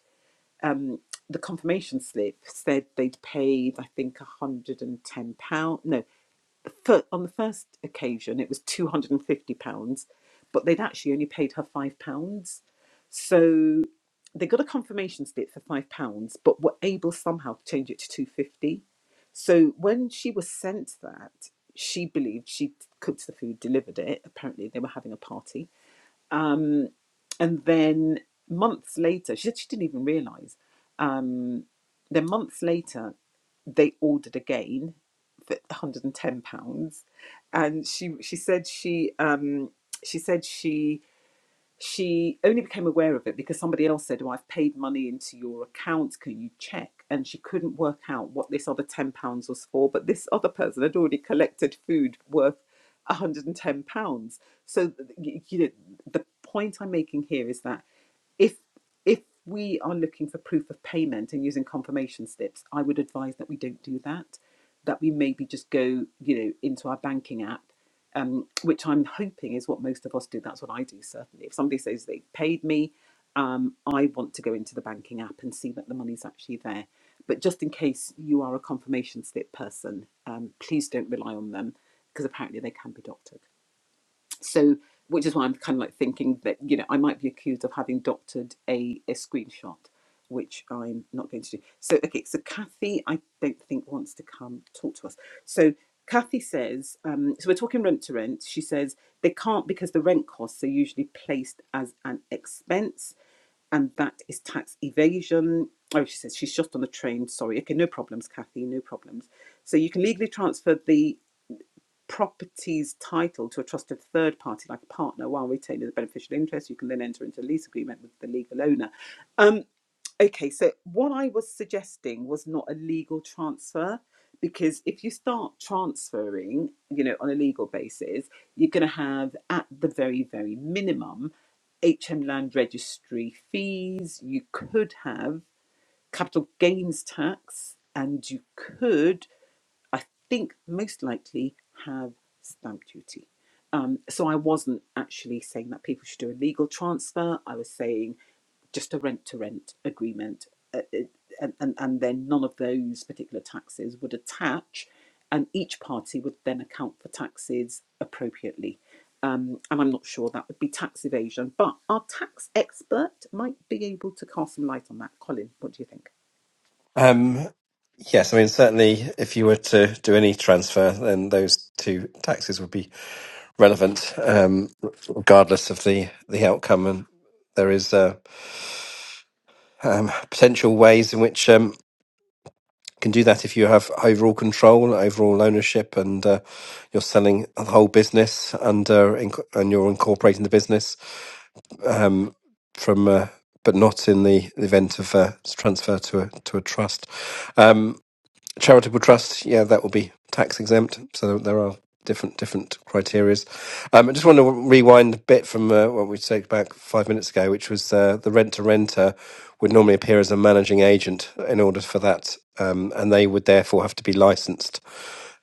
Speaker 1: Um, the confirmation slip said they'd paid, I think, one hundred and ten pound. No, for, on the first occasion, it was two hundred and fifty pounds, but they'd actually only paid her five pounds. So they got a confirmation slip for five pounds, but were able somehow to change it to two fifty. So when she was sent that, she believed she cooked the food, delivered it. Apparently, they were having a party, and then months later, she said she didn't even realise. Um, then months later, they ordered again for 110 pounds, and she she said she um, she said she she only became aware of it because somebody else said, oh, I've paid money into your account. Can you check? And she couldn't work out what this other £10 was for. But this other person had already collected food worth £110. So, you know, the point I'm making here is that if if we are looking for proof of payment and using confirmation slips, I would advise that we don't do that. That we maybe just go, you know, into our banking app um, which I'm hoping is what most of us do. That's what I do, certainly. If somebody says they paid me, um, I want to go into the banking app and see that the money's actually there. But just in case you are a confirmation slip person, um, please don't rely on them because apparently they can be doctored. So, which is why I'm kind of like thinking that, you know, I might be accused of having doctored a, a screenshot, which I'm not going to do. So, okay, so Kathy, I don't think wants to come talk to us. So, Kathy says, um, so we're talking rent to rent. She says they can't because the rent costs are usually placed as an expense and that is tax evasion. Oh, she says she's just on the train. Sorry. Okay, no problems, Kathy, no problems. So you can legally transfer the property's title to a trusted third party like a partner while retaining the beneficial interest. You can then enter into a lease agreement with the legal owner. Um, okay, so what I was suggesting was not a legal transfer because if you start transferring, you know, on a legal basis, you're going to have at the very, very minimum HM land registry fees, you could have capital gains tax, and you could I think most likely have stamp duty. Um, so I wasn't actually saying that people should do a legal transfer. I was saying just a rent to rent agreement, uh, it- and, and and then none of those particular taxes would attach, and each party would then account for taxes appropriately. Um, and I'm not sure that would be tax evasion, but our tax expert might be able to cast some light on that. Colin, what do you think?
Speaker 2: Um, Yes, I mean, certainly if you were to do any transfer, then those two taxes would be relevant, um, regardless of the, the outcome. And there is uh, um, potential ways in which um, you can do that if you have overall control, overall ownership, and uh, you're selling the whole business and, uh, inc- and you're incorporating the business um, from, uh, but not in the event of uh, transfer to a, to a trust. Um, charitable trust, yeah, that will be tax exempt. So there are different different criterias. Um, I just want to rewind a bit from uh, what we said back five minutes ago, which was uh, the rent to renter would normally appear as a managing agent in order for that, um, and they would therefore have to be licensed,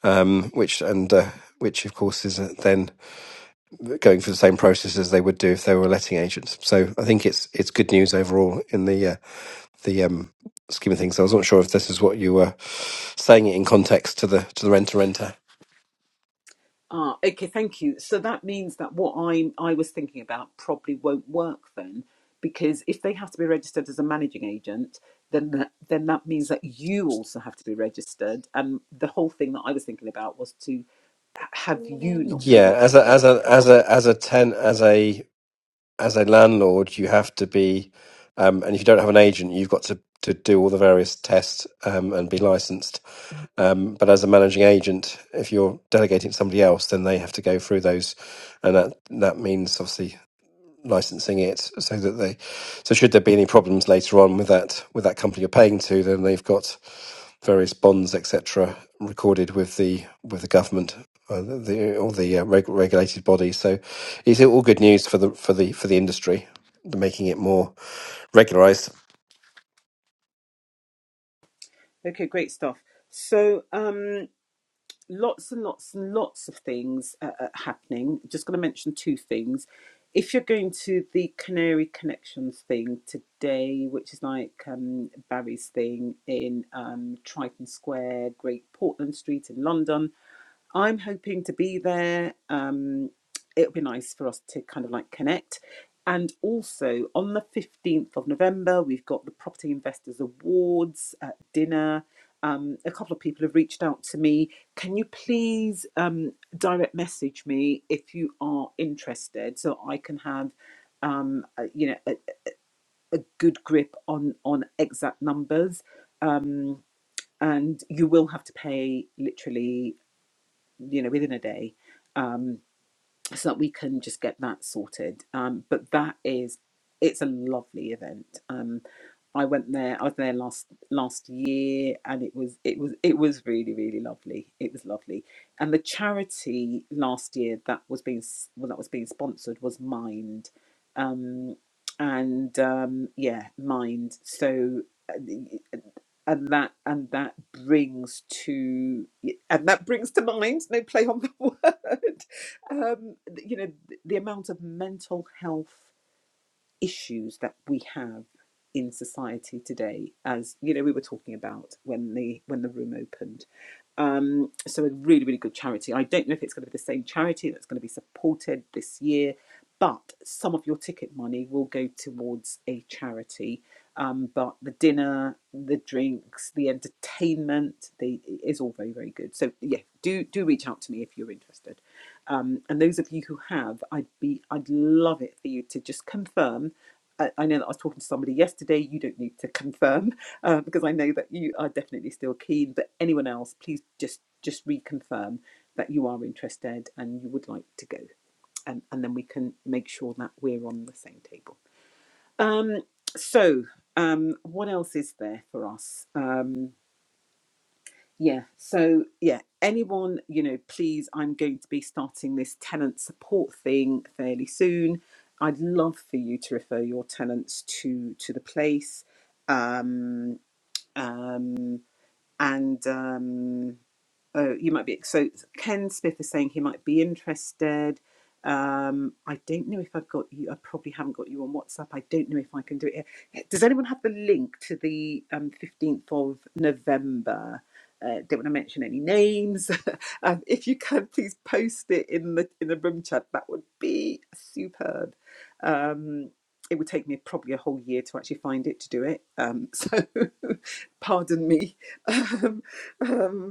Speaker 2: um, which and. Uh, which of course is uh, then going through the same process as they would do if they were letting agents. So I think it's it's good news overall in the uh, the um, scheme of things. I wasn't sure if this is what you were saying it in context to the to the renter renter.
Speaker 1: Ah, okay, thank you. So that means that what I I was thinking about probably won't work then, because if they have to be registered as a managing agent, then that, then that means that you also have to be registered. And the whole thing that I was thinking about was to h- have you not be
Speaker 2: Yeah, as a
Speaker 1: registered.
Speaker 2: as a as a as a ten as a as a landlord, you have to be, um, and if you don't have an agent, you've got to to do all the various tests um, and be licensed. Um, but as a managing agent, if you're delegating to somebody else, then they have to go through those, and that that means obviously licensing it so that they so should there be any problems later on with that with that company you're paying to then they've got various bonds etc recorded with the with the government uh, the or the uh, reg- regulated body so is it all good news for the for the for the industry making it more regularized
Speaker 1: Okay, great stuff. So, um, lots and lots and lots of things uh, uh, happening. Just going to mention two things. If you're going to the Canary Connections thing today, which is like um, Barry's thing in um, Triton Square, Great Portland Street in London, I'm hoping to be there. Um, it'll be nice for us to kind of like connect. And also on the 15th of November, we've got the Property Investors Awards at dinner. Um, a couple of people have reached out to me. Can you please um, direct message me if you are interested so I can have um, a, you know a, a good grip on on exact numbers um, and you will have to pay literally you know, within a day, um, so that we can just get that sorted. Um, but that is, it's a lovely event. Um, I went there. I was there last last year, and it was it was it was really really lovely. It was lovely, and the charity last year that was being s- well that was being sponsored was Mind, um, and um, yeah, Mind. So. uh, and that and that brings to and that brings to mind no play on the *laughs* word um, you know the, the amount of mental health issues that we have in society today as you know we were talking about when the when the room opened um, so a really, really good charity. I don't know if it's going to be the same charity that's going to be supported this year, but some of your ticket money will go towards a charity. Um, but the dinner, the drinks, the entertainment, the it is all very, very good. So yeah, do do reach out to me if you're interested. Um, and those of you who have, I'd be I'd love it for you to just confirm I I know that I was talking to somebody yesterday. You don't need to confirm uh, because I know that you are definitely still keen. But anyone else, please just just reconfirm that you are interested and you would like to go, um, and then we can make sure that we're on the same table. Um, so, um, what else is there for us? Um, yeah. So, yeah. Anyone, you know, please, I'm going to be starting this tenant support thing fairly soon. I'd love for you to refer your tenants to to the place. Um, um, and um, oh, you might be so Ken Smith is saying he might be interested. Um, I don't know if I've got you. I probably haven't got you on WhatsApp. I don't know if I can do it here. Does anyone have the link to the um, 15th of November? Uh, don't want to mention any names. *laughs* um, if you can, please post it in the in the room chat. That would be superb. Um, it would take me probably a whole year to actually find it to do it. Um, so, *laughs* pardon me. *laughs* Um, um,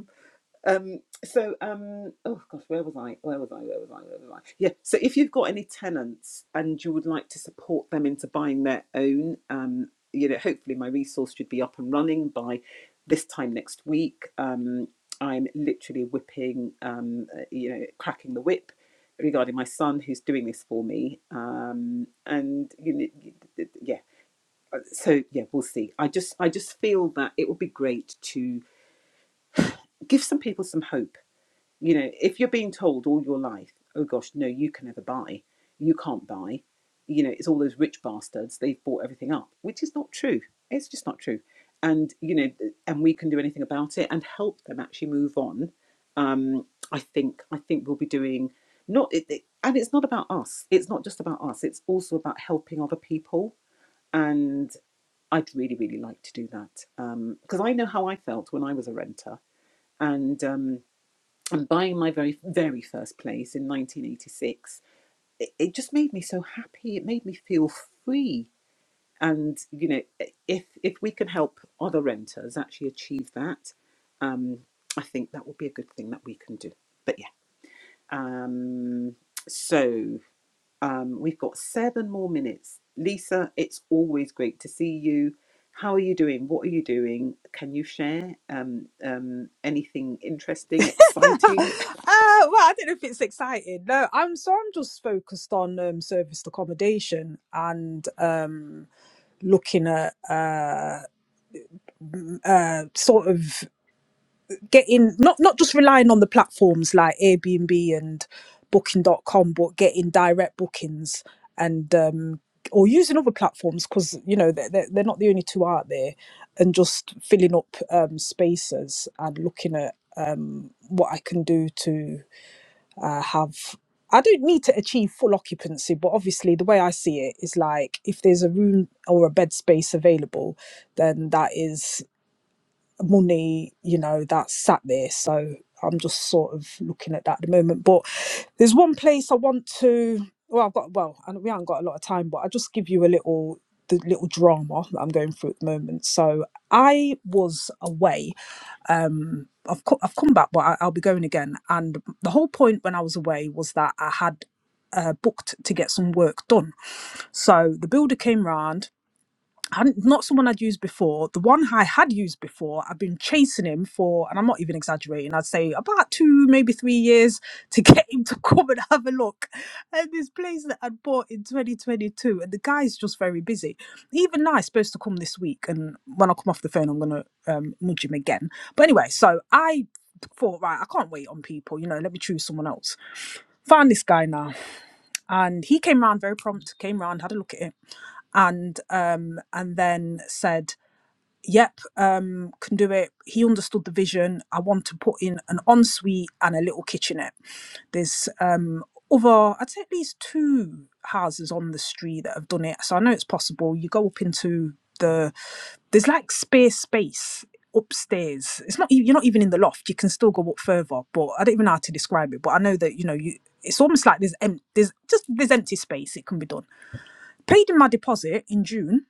Speaker 1: um, so, um, oh gosh, where was I? Where was I? Where was I? Where was I? Yeah. So, if you've got any tenants and you would like to support them into buying their own, um, you know, hopefully my resource should be up and running by this time next week. Um, I'm literally whipping, um, uh, you know, cracking the whip regarding my son who's doing this for me. Um, and you know, yeah, uh, so yeah, we'll see. I just, I just feel that it would be great to give some people some hope you know, if you're being told all your life, oh gosh, no, you can never buy, you can't buy, you know, it's all those rich bastards, they've bought everything up, which is not true. It's just not true. And, you know, and we can do anything about it and help them actually move on. Um, I think, I think we'll be doing not, it, it, and it's not about us. It's not just about us. It's also about helping other people. And I'd really, really like to do that Um, because I know how I felt when I was a renter. And, um, and buying my very very first place in 1986 it, it just made me so happy it made me feel free and you know if if we can help other renters actually achieve that um i think that will be a good thing that we can do but yeah um so um we've got seven more minutes lisa it's always great to see you how are you doing what are you doing can you share um, um, anything interesting exciting
Speaker 3: Uh, well, I don't know if it's exciting. No, I'm so I'm just focused on um, serviced accommodation and um, looking at uh, uh, sort of getting not not just relying on the platforms like Airbnb and Booking dot com, but getting direct bookings and um or using other platforms because you know they're, they're, they're not the only two out there and just filling up um spaces and looking at um what I can do to uh, have I don't need to achieve full occupancy but obviously the way I see it is like if there's a room or a bed space available then that is money, you know, that sat there. So I'm just sort of looking at that at the moment. But there's one place I want to. Well, I've got well, and we haven't got a lot of time, but I'll just give you a little the little drama that I'm going through at the moment. So I was away. I've co- I've come back, but I, I'll be going again. And the whole point when I was away was that I had uh, booked to get some work done. So the builder came round I'm not someone I'd used before. The one I had used before, I've been chasing him for, and I'm not even exaggerating, I'd say about two, maybe three years *laughs* to get him to come and have a look at this place that I'd bought in 2022. And the guy's just very busy. Even now, he's supposed to come this week. And when I come off the phone, I'm going to um, nudge him again. But anyway, so I thought, right, I can't wait on people. You know, let me choose someone else. Found this guy now. And he came round very prompt, came round, had a look at it and um, and then said, "Yep, um, can do it." He understood the vision. I want to put in an ensuite and a little kitchenette. There's um, other, I'd say at least two houses on the street that have done it, so I know it's possible. You go up into the there's like spare space upstairs it's not e, you're not even in the loft you can still go up further but i don't even know how to describe it but i know that you know you it's almost like there's em- there's just there's empty space it can be done paid in my deposit in june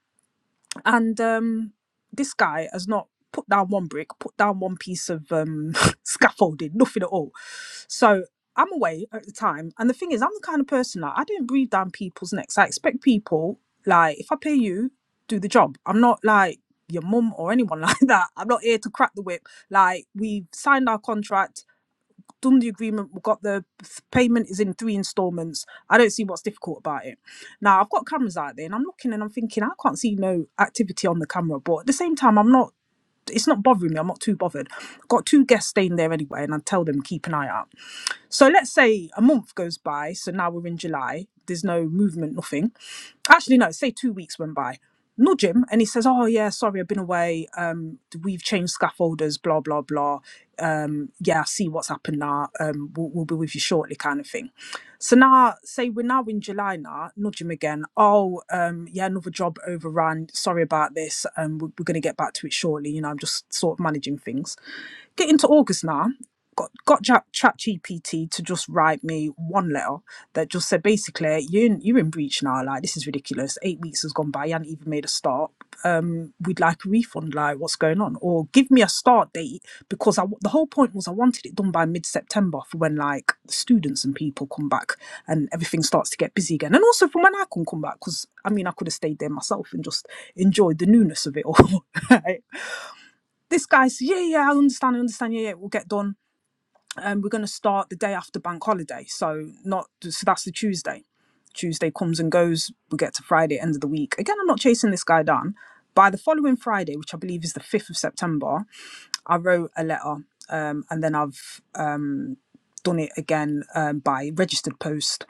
Speaker 3: and um, this guy has not put down one brick, put down one piece of um, *laughs* scaffolding, nothing at all. So I'm away at the time, and the thing is, I'm the kind of person like I don't breathe down people's necks. I expect people like if I pay you, do the job. I'm not like your mum or anyone *laughs* like that. I'm not here to crack the whip. Like we've signed our contract done the agreement, we got the payment is in three installments. I don't see what's difficult about it. Now I've got cameras out there and I'm looking and I'm thinking I can't see no activity on the camera, but at the same time I'm not it's not bothering me. I'm not too bothered. I've got two guests staying there anyway, and I tell them keep an eye out. So let's say a month goes by. So now we're in July. There's no movement, nothing. Actually, no, say two weeks went by. No Jim, and he says, "Oh yeah, sorry, I've been away. Um, we've changed scaffolders, blah blah blah. Um, yeah, I see what's happened now. Um, we'll, we'll be with you shortly, kind of thing." So now, say we're now in July now. Nudge him again. Oh, um, yeah, another job overran. Sorry about this. Um, we're, we're going to get back to it shortly. You know, I'm just sort of managing things. Get into August now got got ChatGPT to just write me one letter that just said basically you you're in breach now like this is ridiculous eight weeks has gone by you haven't even made a start um we'd like a refund like what's going on or give me a start date because I the whole point was i wanted it done by mid-september for when like students and people come back and everything starts to get busy again and also for when i can come back because i mean i could have stayed there myself and just enjoyed the newness of it all *laughs* right? this guy said yeah yeah i understand i understand yeah yeah we'll get done um, we're going to start the day after bank holiday. So not so that's the Tuesday. Tuesday comes and goes. We get to Friday, end of the week. Again, I'm not chasing this guy down. By the following Friday, which I believe is the 5th of September, I wrote a letter um, and then I've um, done it again um, by registered post.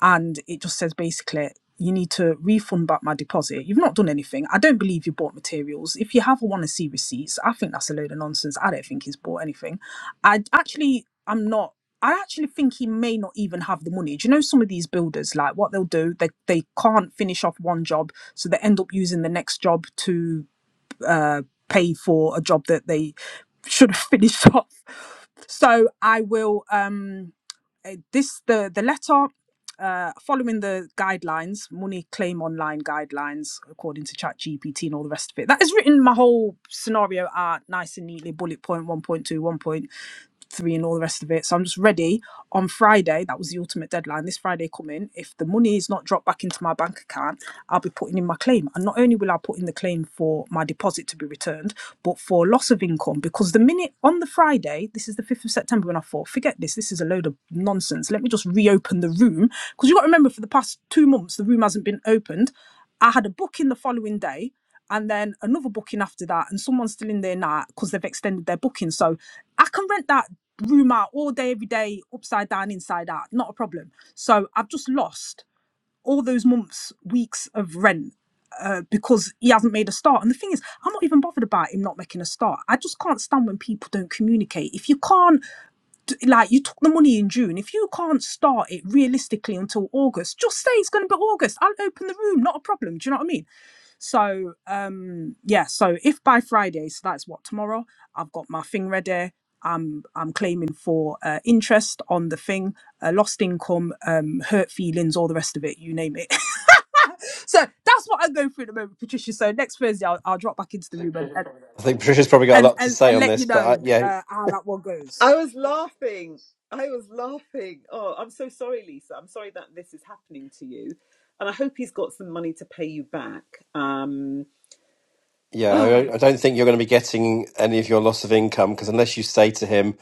Speaker 3: And it just says basically, you need to refund back my deposit. You've not done anything. I don't believe you bought materials. If you have, I want to see receipts. I think that's a load of nonsense. I don't think he's bought anything. I d- actually, I'm not. I actually think he may not even have the money. Do you know some of these builders, like what they'll do, they, they can't finish off one job, so they end up using the next job to uh, pay for a job that they should have *laughs* finished off. So I will um eh, this the the letter uh, following the guidelines, money claim online guidelines, according to ChatGPT and all the rest of it. That has written my whole scenario out nice and neatly, bullet point, one point two, one point three and all the rest of it. So I'm just ready on Friday. That was the ultimate deadline. This Friday coming, if the money is not dropped back into my bank account, I'll be putting in my claim. And not only will I put in the claim for my deposit to be returned, but for loss of income. Because the minute on the Friday, this is the 5th of September, when I thought, forget this, this is a load of nonsense. Let me just reopen the room. Because you've got to remember, for the past two months, the room hasn't been opened. I had a booking the following day and then another booking after that, and someone's still in there now because they've extended their booking. So I can rent that room out all day, every day, upside down, inside out, not a problem. So I've just lost all those months, weeks of rent uh, because he hasn't made a start. And the thing is, I'm not even bothered about him not making a start. I just can't stand when people don't communicate. If you can't, d- like, you took the money in June, if you can't start it realistically until August, just say it's going to be August. I'll open the room, not a problem. Do you know what I mean? So um yeah, so if by Friday, so that's what tomorrow, I've got my thing ready. I'm I'm claiming for uh, interest on the thing, uh, lost income, um, hurt feelings, all the rest of it, you name it. *laughs* so that's what I'm going through at the moment, Patricia. So next Thursday, I'll, I'll drop back into the room and and,
Speaker 2: i think patricia's probably got a
Speaker 3: and,
Speaker 2: lot to
Speaker 3: and,
Speaker 2: say on
Speaker 3: let you
Speaker 2: this but
Speaker 3: know
Speaker 2: I, yeah
Speaker 3: uh, how that one goes.
Speaker 1: I was laughing. I was laughing. Oh, I'm so sorry, Lisa. I'm sorry that this is happening to you. And I hope he's got some money to pay you back. Um, *sighs*
Speaker 2: Yeah,
Speaker 1: oh,
Speaker 2: I, I don't think you're going to be getting any of your loss of income because unless you say to him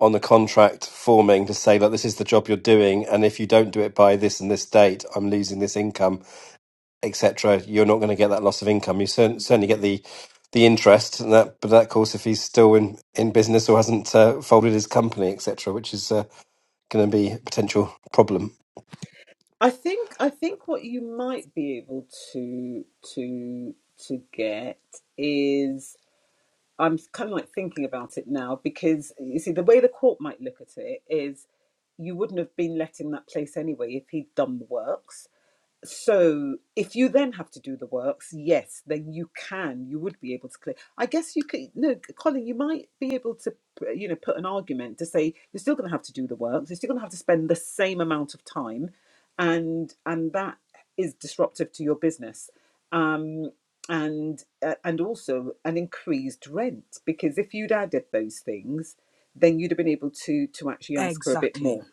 Speaker 2: on the contract forming to say, look, this is the job you're doing, and if you don't do it by this and this date, I'm losing this income, etc., you're not going to get that loss of income. You cer- certainly get the the interest, and that, but that, of course, if he's still in, in business or hasn't uh, folded his company, etc., which is uh, going to be a potential problem.
Speaker 1: I think I think what you might be able to to to get is I'm kind of like thinking about it now because you see the way the court might look at it is you wouldn't have been let in that place anyway if he'd done the works so if you then have to do the works yes then you can you would be able to clear i guess you could no colin you might be able to uh, you know put an argument to say you're still going to have to do the works you're still going to have to spend the same amount of time and and that is disruptive to your business um and uh, and also an increased rent because if you'd added those things then you'd have been able to to actually ask for a bit
Speaker 3: Exactly.
Speaker 1: more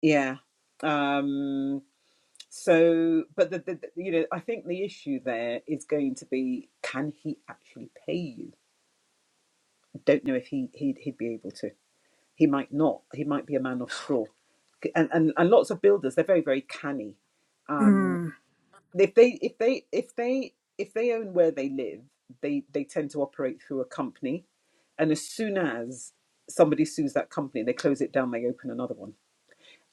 Speaker 1: yeah um so, but the, the, you know, I think the issue there is going to be: can he actually pay you? I don't know if he he'd, he'd be able to. He might not. He might be a man of straw, and and, and lots of builders they're very very canny. Um,
Speaker 3: Hmm.
Speaker 1: if they if they if they if they own where they live, they they tend to operate through a company, and as soon as somebody sues that company, they close it down, they open another one.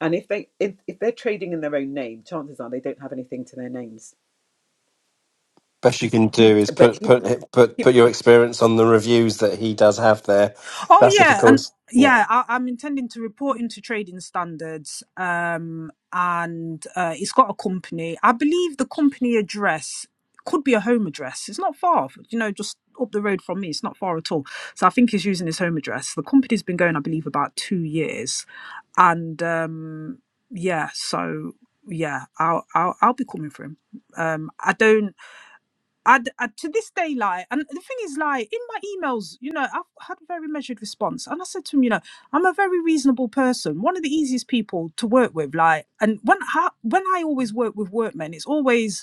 Speaker 1: And if they if, if they're trading in their own name, chances are they don't have anything to their names.
Speaker 2: Best you can do is
Speaker 1: But
Speaker 2: put put
Speaker 1: he,
Speaker 2: put put your experience on the reviews that he does have there.
Speaker 3: Oh
Speaker 2: That's if, of
Speaker 3: yeah, and
Speaker 2: course. Yeah.
Speaker 3: yeah, I, I'm intending to report into trading standards, um, and uh, it's got a company. I believe the company address could be a home address. It's not far, you know, just up the road from me. It's not far at all. So I think he's using his home address. The company's been going, I believe, about two years, and um, yeah, so yeah, I'll I'll, I'll be coming for him. Um, I don't. I, d- I- to this day, like, and the thing is, like, in my emails, you know, I've had a very measured response, and I said to him, you know, I'm a very reasonable person, one of the easiest people to work with, like, and when I, when I always work with workmen, it's always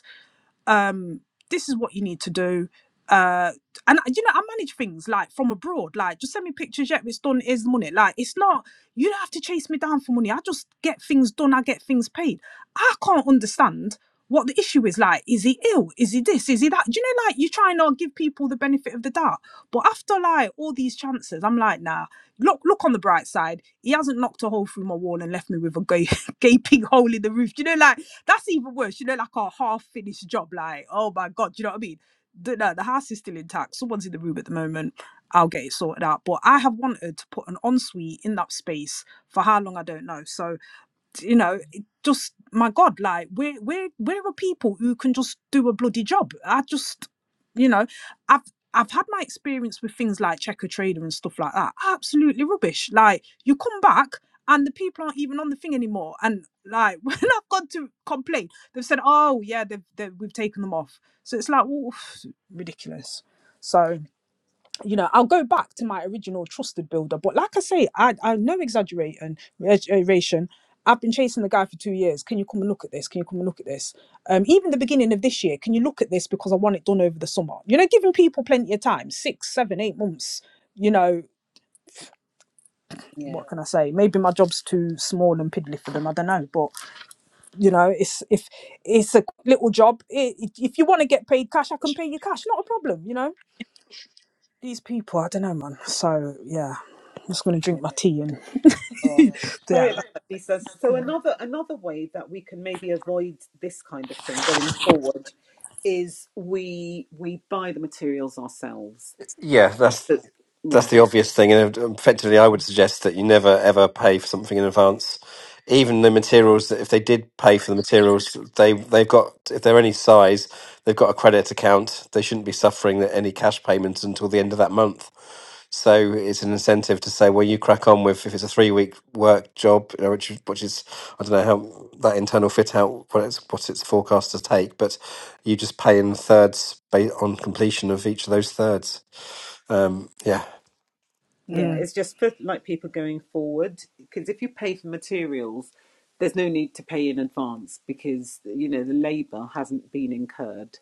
Speaker 3: um, this is what you need to do. Uh, and you know, I manage things like from abroad, like just send me pictures. Yet it's done, is money. Like it's not you don't have to chase me down for money. I just get things done, I get things paid. I can't understand what the issue is. Like, is he ill? Is he this? Is he that? Do you know, like you try and not give people the benefit of the doubt, but after like all these chances, I'm like, nah. Look, look on the bright side. He hasn't knocked a hole through my wall and left me with a gay, *laughs* gaping hole in the roof. Do you know, like that's even worse. You know, like a half finished job. Like, oh my god, do you know what I mean? The, no, the house is still intact. Someone's in the room at the moment. I'll get it sorted out. But I have wanted to put an ensuite in that space for how long I don't know. So you know, just my God, like where, where, where are people who can just do a bloody job. I just, you know, I've I've had my experience with things like checker trader and stuff like that. Absolutely rubbish. Like you come back and the people aren't even on the thing anymore. And like *laughs* when I've gone to complain, they've said, "Oh yeah, they've, they've we've taken them off." So it's like, oof, ridiculous. So you know, I'll go back to my original trusted builder. But like I say, I, I no exaggeration, exaggeration. I've been chasing the guy for two years. Can you come and look at this? Can you come and look at this? Um, even the beginning of this year, can you look at this because I want it done over the summer? You know, giving people plenty of time, six, seven, eight months. You know,
Speaker 1: Yeah.
Speaker 3: what can I say? Maybe my job's too small and piddly for them. I don't know, but you know, it's if it's a little job. i if you want to get paid cash, I can pay you cash, not a problem. You know These people, I don't know, man. So yeah, I'm just gonna drink
Speaker 1: yeah.
Speaker 3: my tea and
Speaker 1: Oh,
Speaker 3: *laughs* yeah,
Speaker 1: sorry about that, Lisa. So
Speaker 3: yeah.
Speaker 1: another another way that we can maybe avoid this kind of thing going forward is we we buy the materials ourselves.
Speaker 2: Yeah, that's
Speaker 1: But-
Speaker 2: that's
Speaker 1: yeah,
Speaker 2: the obvious thing, and effectively, I would suggest that you never ever pay for something in advance. Even the materials that if they did pay for the materials, they they've got if they're any size, they've got a credit account. They shouldn't be suffering any cash payments until the end of that month. So it's an incentive to say, well, you crack on with if it's a three week work job, you know, which is- which is I don't know how that internal fit out what it's what it's forecast to take, but you just pay in thirds ba- on completion of each of those thirds. Um, yeah.
Speaker 1: yeah.
Speaker 3: Mm,
Speaker 1: It's just for like people going forward because if you pay for materials, there's no need to pay in advance because you know the labour hasn't been incurred.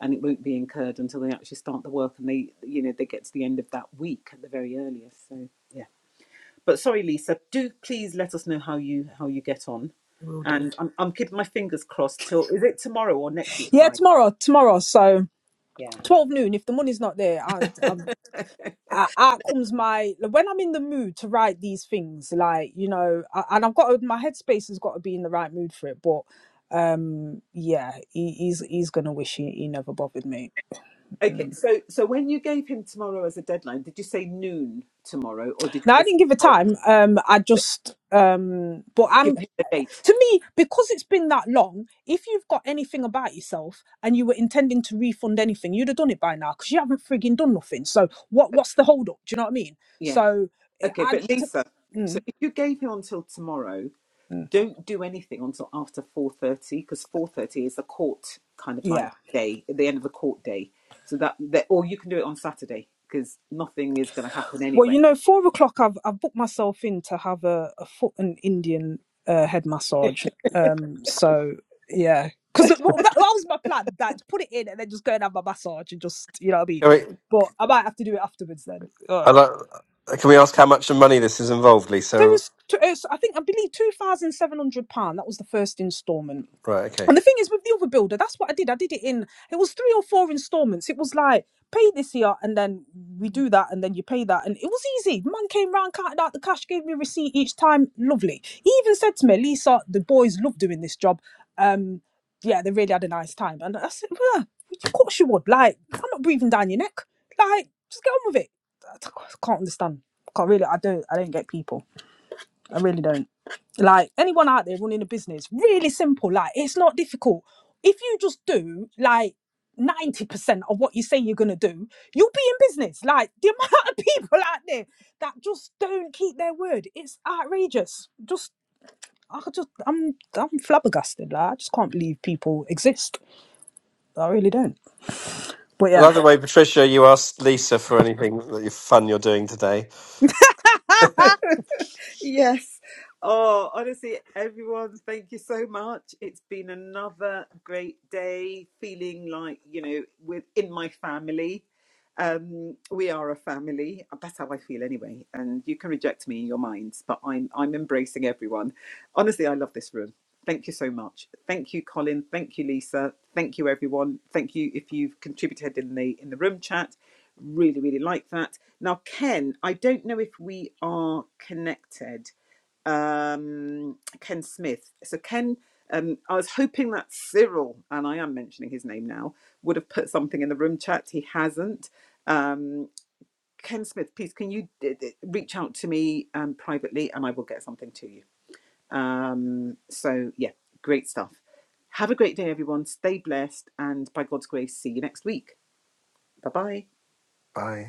Speaker 1: and it won't be incurred until they actually start the work and they you know they get to the end of that week at the very earliest so yeah but sorry lisa do please let us know how you how you get on
Speaker 3: will do.
Speaker 1: and i'm, I'm keeping my fingers crossed till is it tomorrow or next week
Speaker 3: Yeah,
Speaker 1: friday
Speaker 3: tomorrow, tomorrow. So
Speaker 1: yeah
Speaker 3: twelve noon. If the money's not there, and um, out out comes my like, when I'm in the mood to write these things, like you know, I, and I've got my headspace has got to be in the right mood for it. But um, yeah, he, he's he's gonna wish he, he never bothered me.
Speaker 1: okay
Speaker 3: Mm.
Speaker 1: so so when you gave him tomorrow as a deadline did you say noon tomorrow or did you
Speaker 3: Now I
Speaker 1: just
Speaker 3: didn't give a
Speaker 1: tomorrow
Speaker 3: time. Um, I just um, but I'm.
Speaker 1: give him the date
Speaker 3: to me, because it's been that long, if you've got anything about yourself and you were intending to refund anything, you'd have done it by now because you haven't frigging done nothing. So what? What's the hold up? Do you know what I mean?
Speaker 1: yeah
Speaker 3: So I,
Speaker 1: okay but lisa so
Speaker 3: mm,
Speaker 1: if you gave him until tomorrow
Speaker 3: mm,
Speaker 1: don't do anything until after 4.30 because 4.30 is a court kind of like
Speaker 3: yeah.
Speaker 1: day at the end of the court day so that, that or you can do it on saturday because nothing is going to happen
Speaker 3: Well,
Speaker 1: anyway
Speaker 3: you know, four o'clock. I've I've booked myself in to have a, a foot and Indian uh, head massage. Um. So yeah, because that, well, that was my plan. That put it in and then just go and have my massage and just you know what I mean.
Speaker 2: Can we,
Speaker 3: But I might have to do it afterwards then.
Speaker 2: I like, can we ask how much money this is involved,
Speaker 3: So it
Speaker 2: Lisa?
Speaker 3: was, t- uh, so I think, I believe £2,700. That was the first instalment.
Speaker 2: Right, okay.
Speaker 3: And the thing is, with the other builder, that's what I did. I did it in, it was three or four installments. It was like, pay this year and then we do that and then you pay that. And it was easy. The man came round, counted out the cash, gave me a receipt each time. Lovely. He even said to me, Lisa, the boys love doing this job. Um, yeah, they really had a nice time. And I said, well, of course you would. Like, I'm not breathing down your neck. Like, just get on with it. I can't understand. can't really, I don't, I don't get people. I really don't. Like anyone out there running a business, really simple. Like it's not difficult. If you just do like 90% of what you say you're gonna do, you'll be in business. Like the *laughs* amount of people out there that just don't keep their word. It's outrageous. Just I could just I'm I'm flabbergasted. Like I just can't believe people exist. I really don't. But
Speaker 2: I
Speaker 3: yeah.
Speaker 2: love the way, Patricia, you asked Lisa for anything that you fun you're doing today.
Speaker 1: yes oh honestly everyone thank you so much it's been another great day feeling like you know within my family um, we are a family. That's how I feel anyway. And you can reject me in your minds, but I'm I'm embracing everyone. Honestly, I love this room. Thank you so much. Thank you, Colin. Thank you, Lisa. Thank you, everyone. Thank you if you've contributed in the in the room chat. Really, really like that. Now, Ken, I don't know if we are connected. Um, Ken Smith. So Ken, um, I was hoping that Cyril, and I am mentioning his name now, would have put something in the room chat. He hasn't. Um, Ken Smith, please can you d- d- reach out to me um, privately and I will get something to you. Um, so, yeah, great stuff. Have a great day, everyone. Stay blessed, and by God's grace, see you next week. Bye bye.
Speaker 2: Bye.